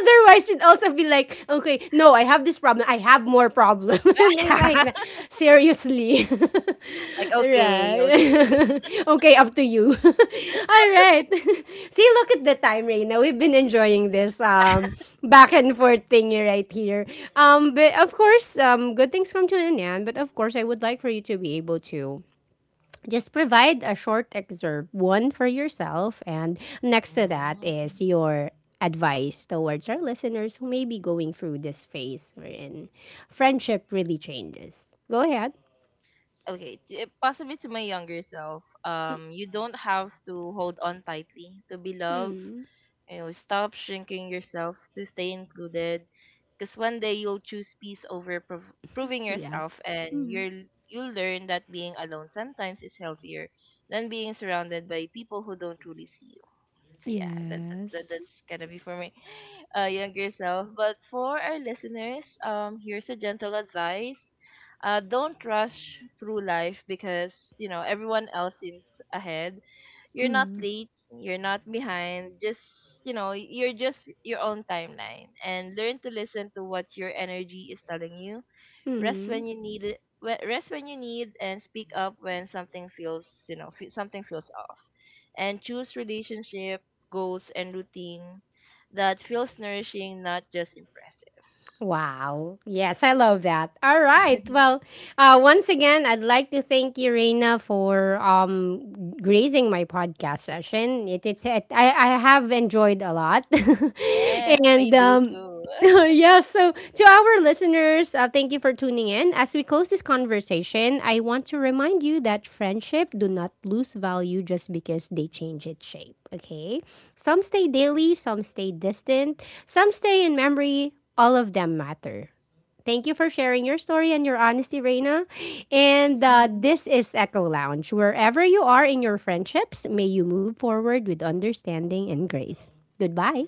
Speaker 1: otherwise, you'd also be like, okay, no, I have this problem. I have more problem. [LAUGHS] And things like
Speaker 2: honest.
Speaker 1: that. Seriously. [LAUGHS]
Speaker 2: [LAUGHS] Like okay, okay.
Speaker 1: Right. [LAUGHS] Okay, up to you. [LAUGHS] All right. [LAUGHS] See, look at the time, Reina. We've been enjoying this um back and forth thingy right here. Um, but of course, um, good things come to an end. But of course, I would like for you to be able to just provide a short excerpt, one for yourself, and
Speaker 2: [LAUGHS]
Speaker 1: next to that
Speaker 2: My. Mm.
Speaker 1: is your advice towards our listeners who may be going through this phase wherein friendship really changes. Go ahead.
Speaker 2: Okay, t- eh, possibly to my younger self, um, you don't have to hold on tightly to be loved.
Speaker 1: Mm,
Speaker 2: You know, stop shrinking yourself to stay included, because one day you'll choose peace over prov- proving
Speaker 1: yeah.
Speaker 2: yourself, and you're you'll learn that being alone sometimes is healthier than being surrounded by people who don't truly see you. So yeah, that, that that
Speaker 1: Yes.
Speaker 2: that's gonna be for my uh, younger self. But for our listeners, um, here's a gentle advice: uh, don't rush through life because, you know, everyone else seems ahead. You're not
Speaker 1: Mm.
Speaker 2: late. You're not behind. Just, you know, you're just your own timeline, and learn to listen to what your energy is telling you. Rest
Speaker 1: Hmm.
Speaker 2: when you need it we- rest when you need, and speak up when something feels, you know, fe- something feels off, and choose relationship goals and routine that feels nourishing, not just impressive.
Speaker 1: Wow. Yes, I love that. All right.
Speaker 2: [LAUGHS]
Speaker 1: Well, uh, once again, I'd like to thank you, Reina, for um, gracing my podcast session. It, it's, it, I, I have enjoyed a lot. [LAUGHS]
Speaker 2: Yes, I
Speaker 1: And
Speaker 2: do
Speaker 1: um,
Speaker 2: too.
Speaker 1: [LAUGHS] yeah, so to our listeners, uh, thank you for tuning in. As we close this conversation, I want to remind you that friendship do not lose value just because they change its shape, okay? Some stay daily, some stay distant, some stay in memory, all of them matter. Thank you for sharing your story and your honesty, Reina. And uh,
Speaker 2: [LAUGHS]
Speaker 1: this is Echo Lounge. Wherever you are in your friendships, may you move forward with understanding and grace. Goodbye.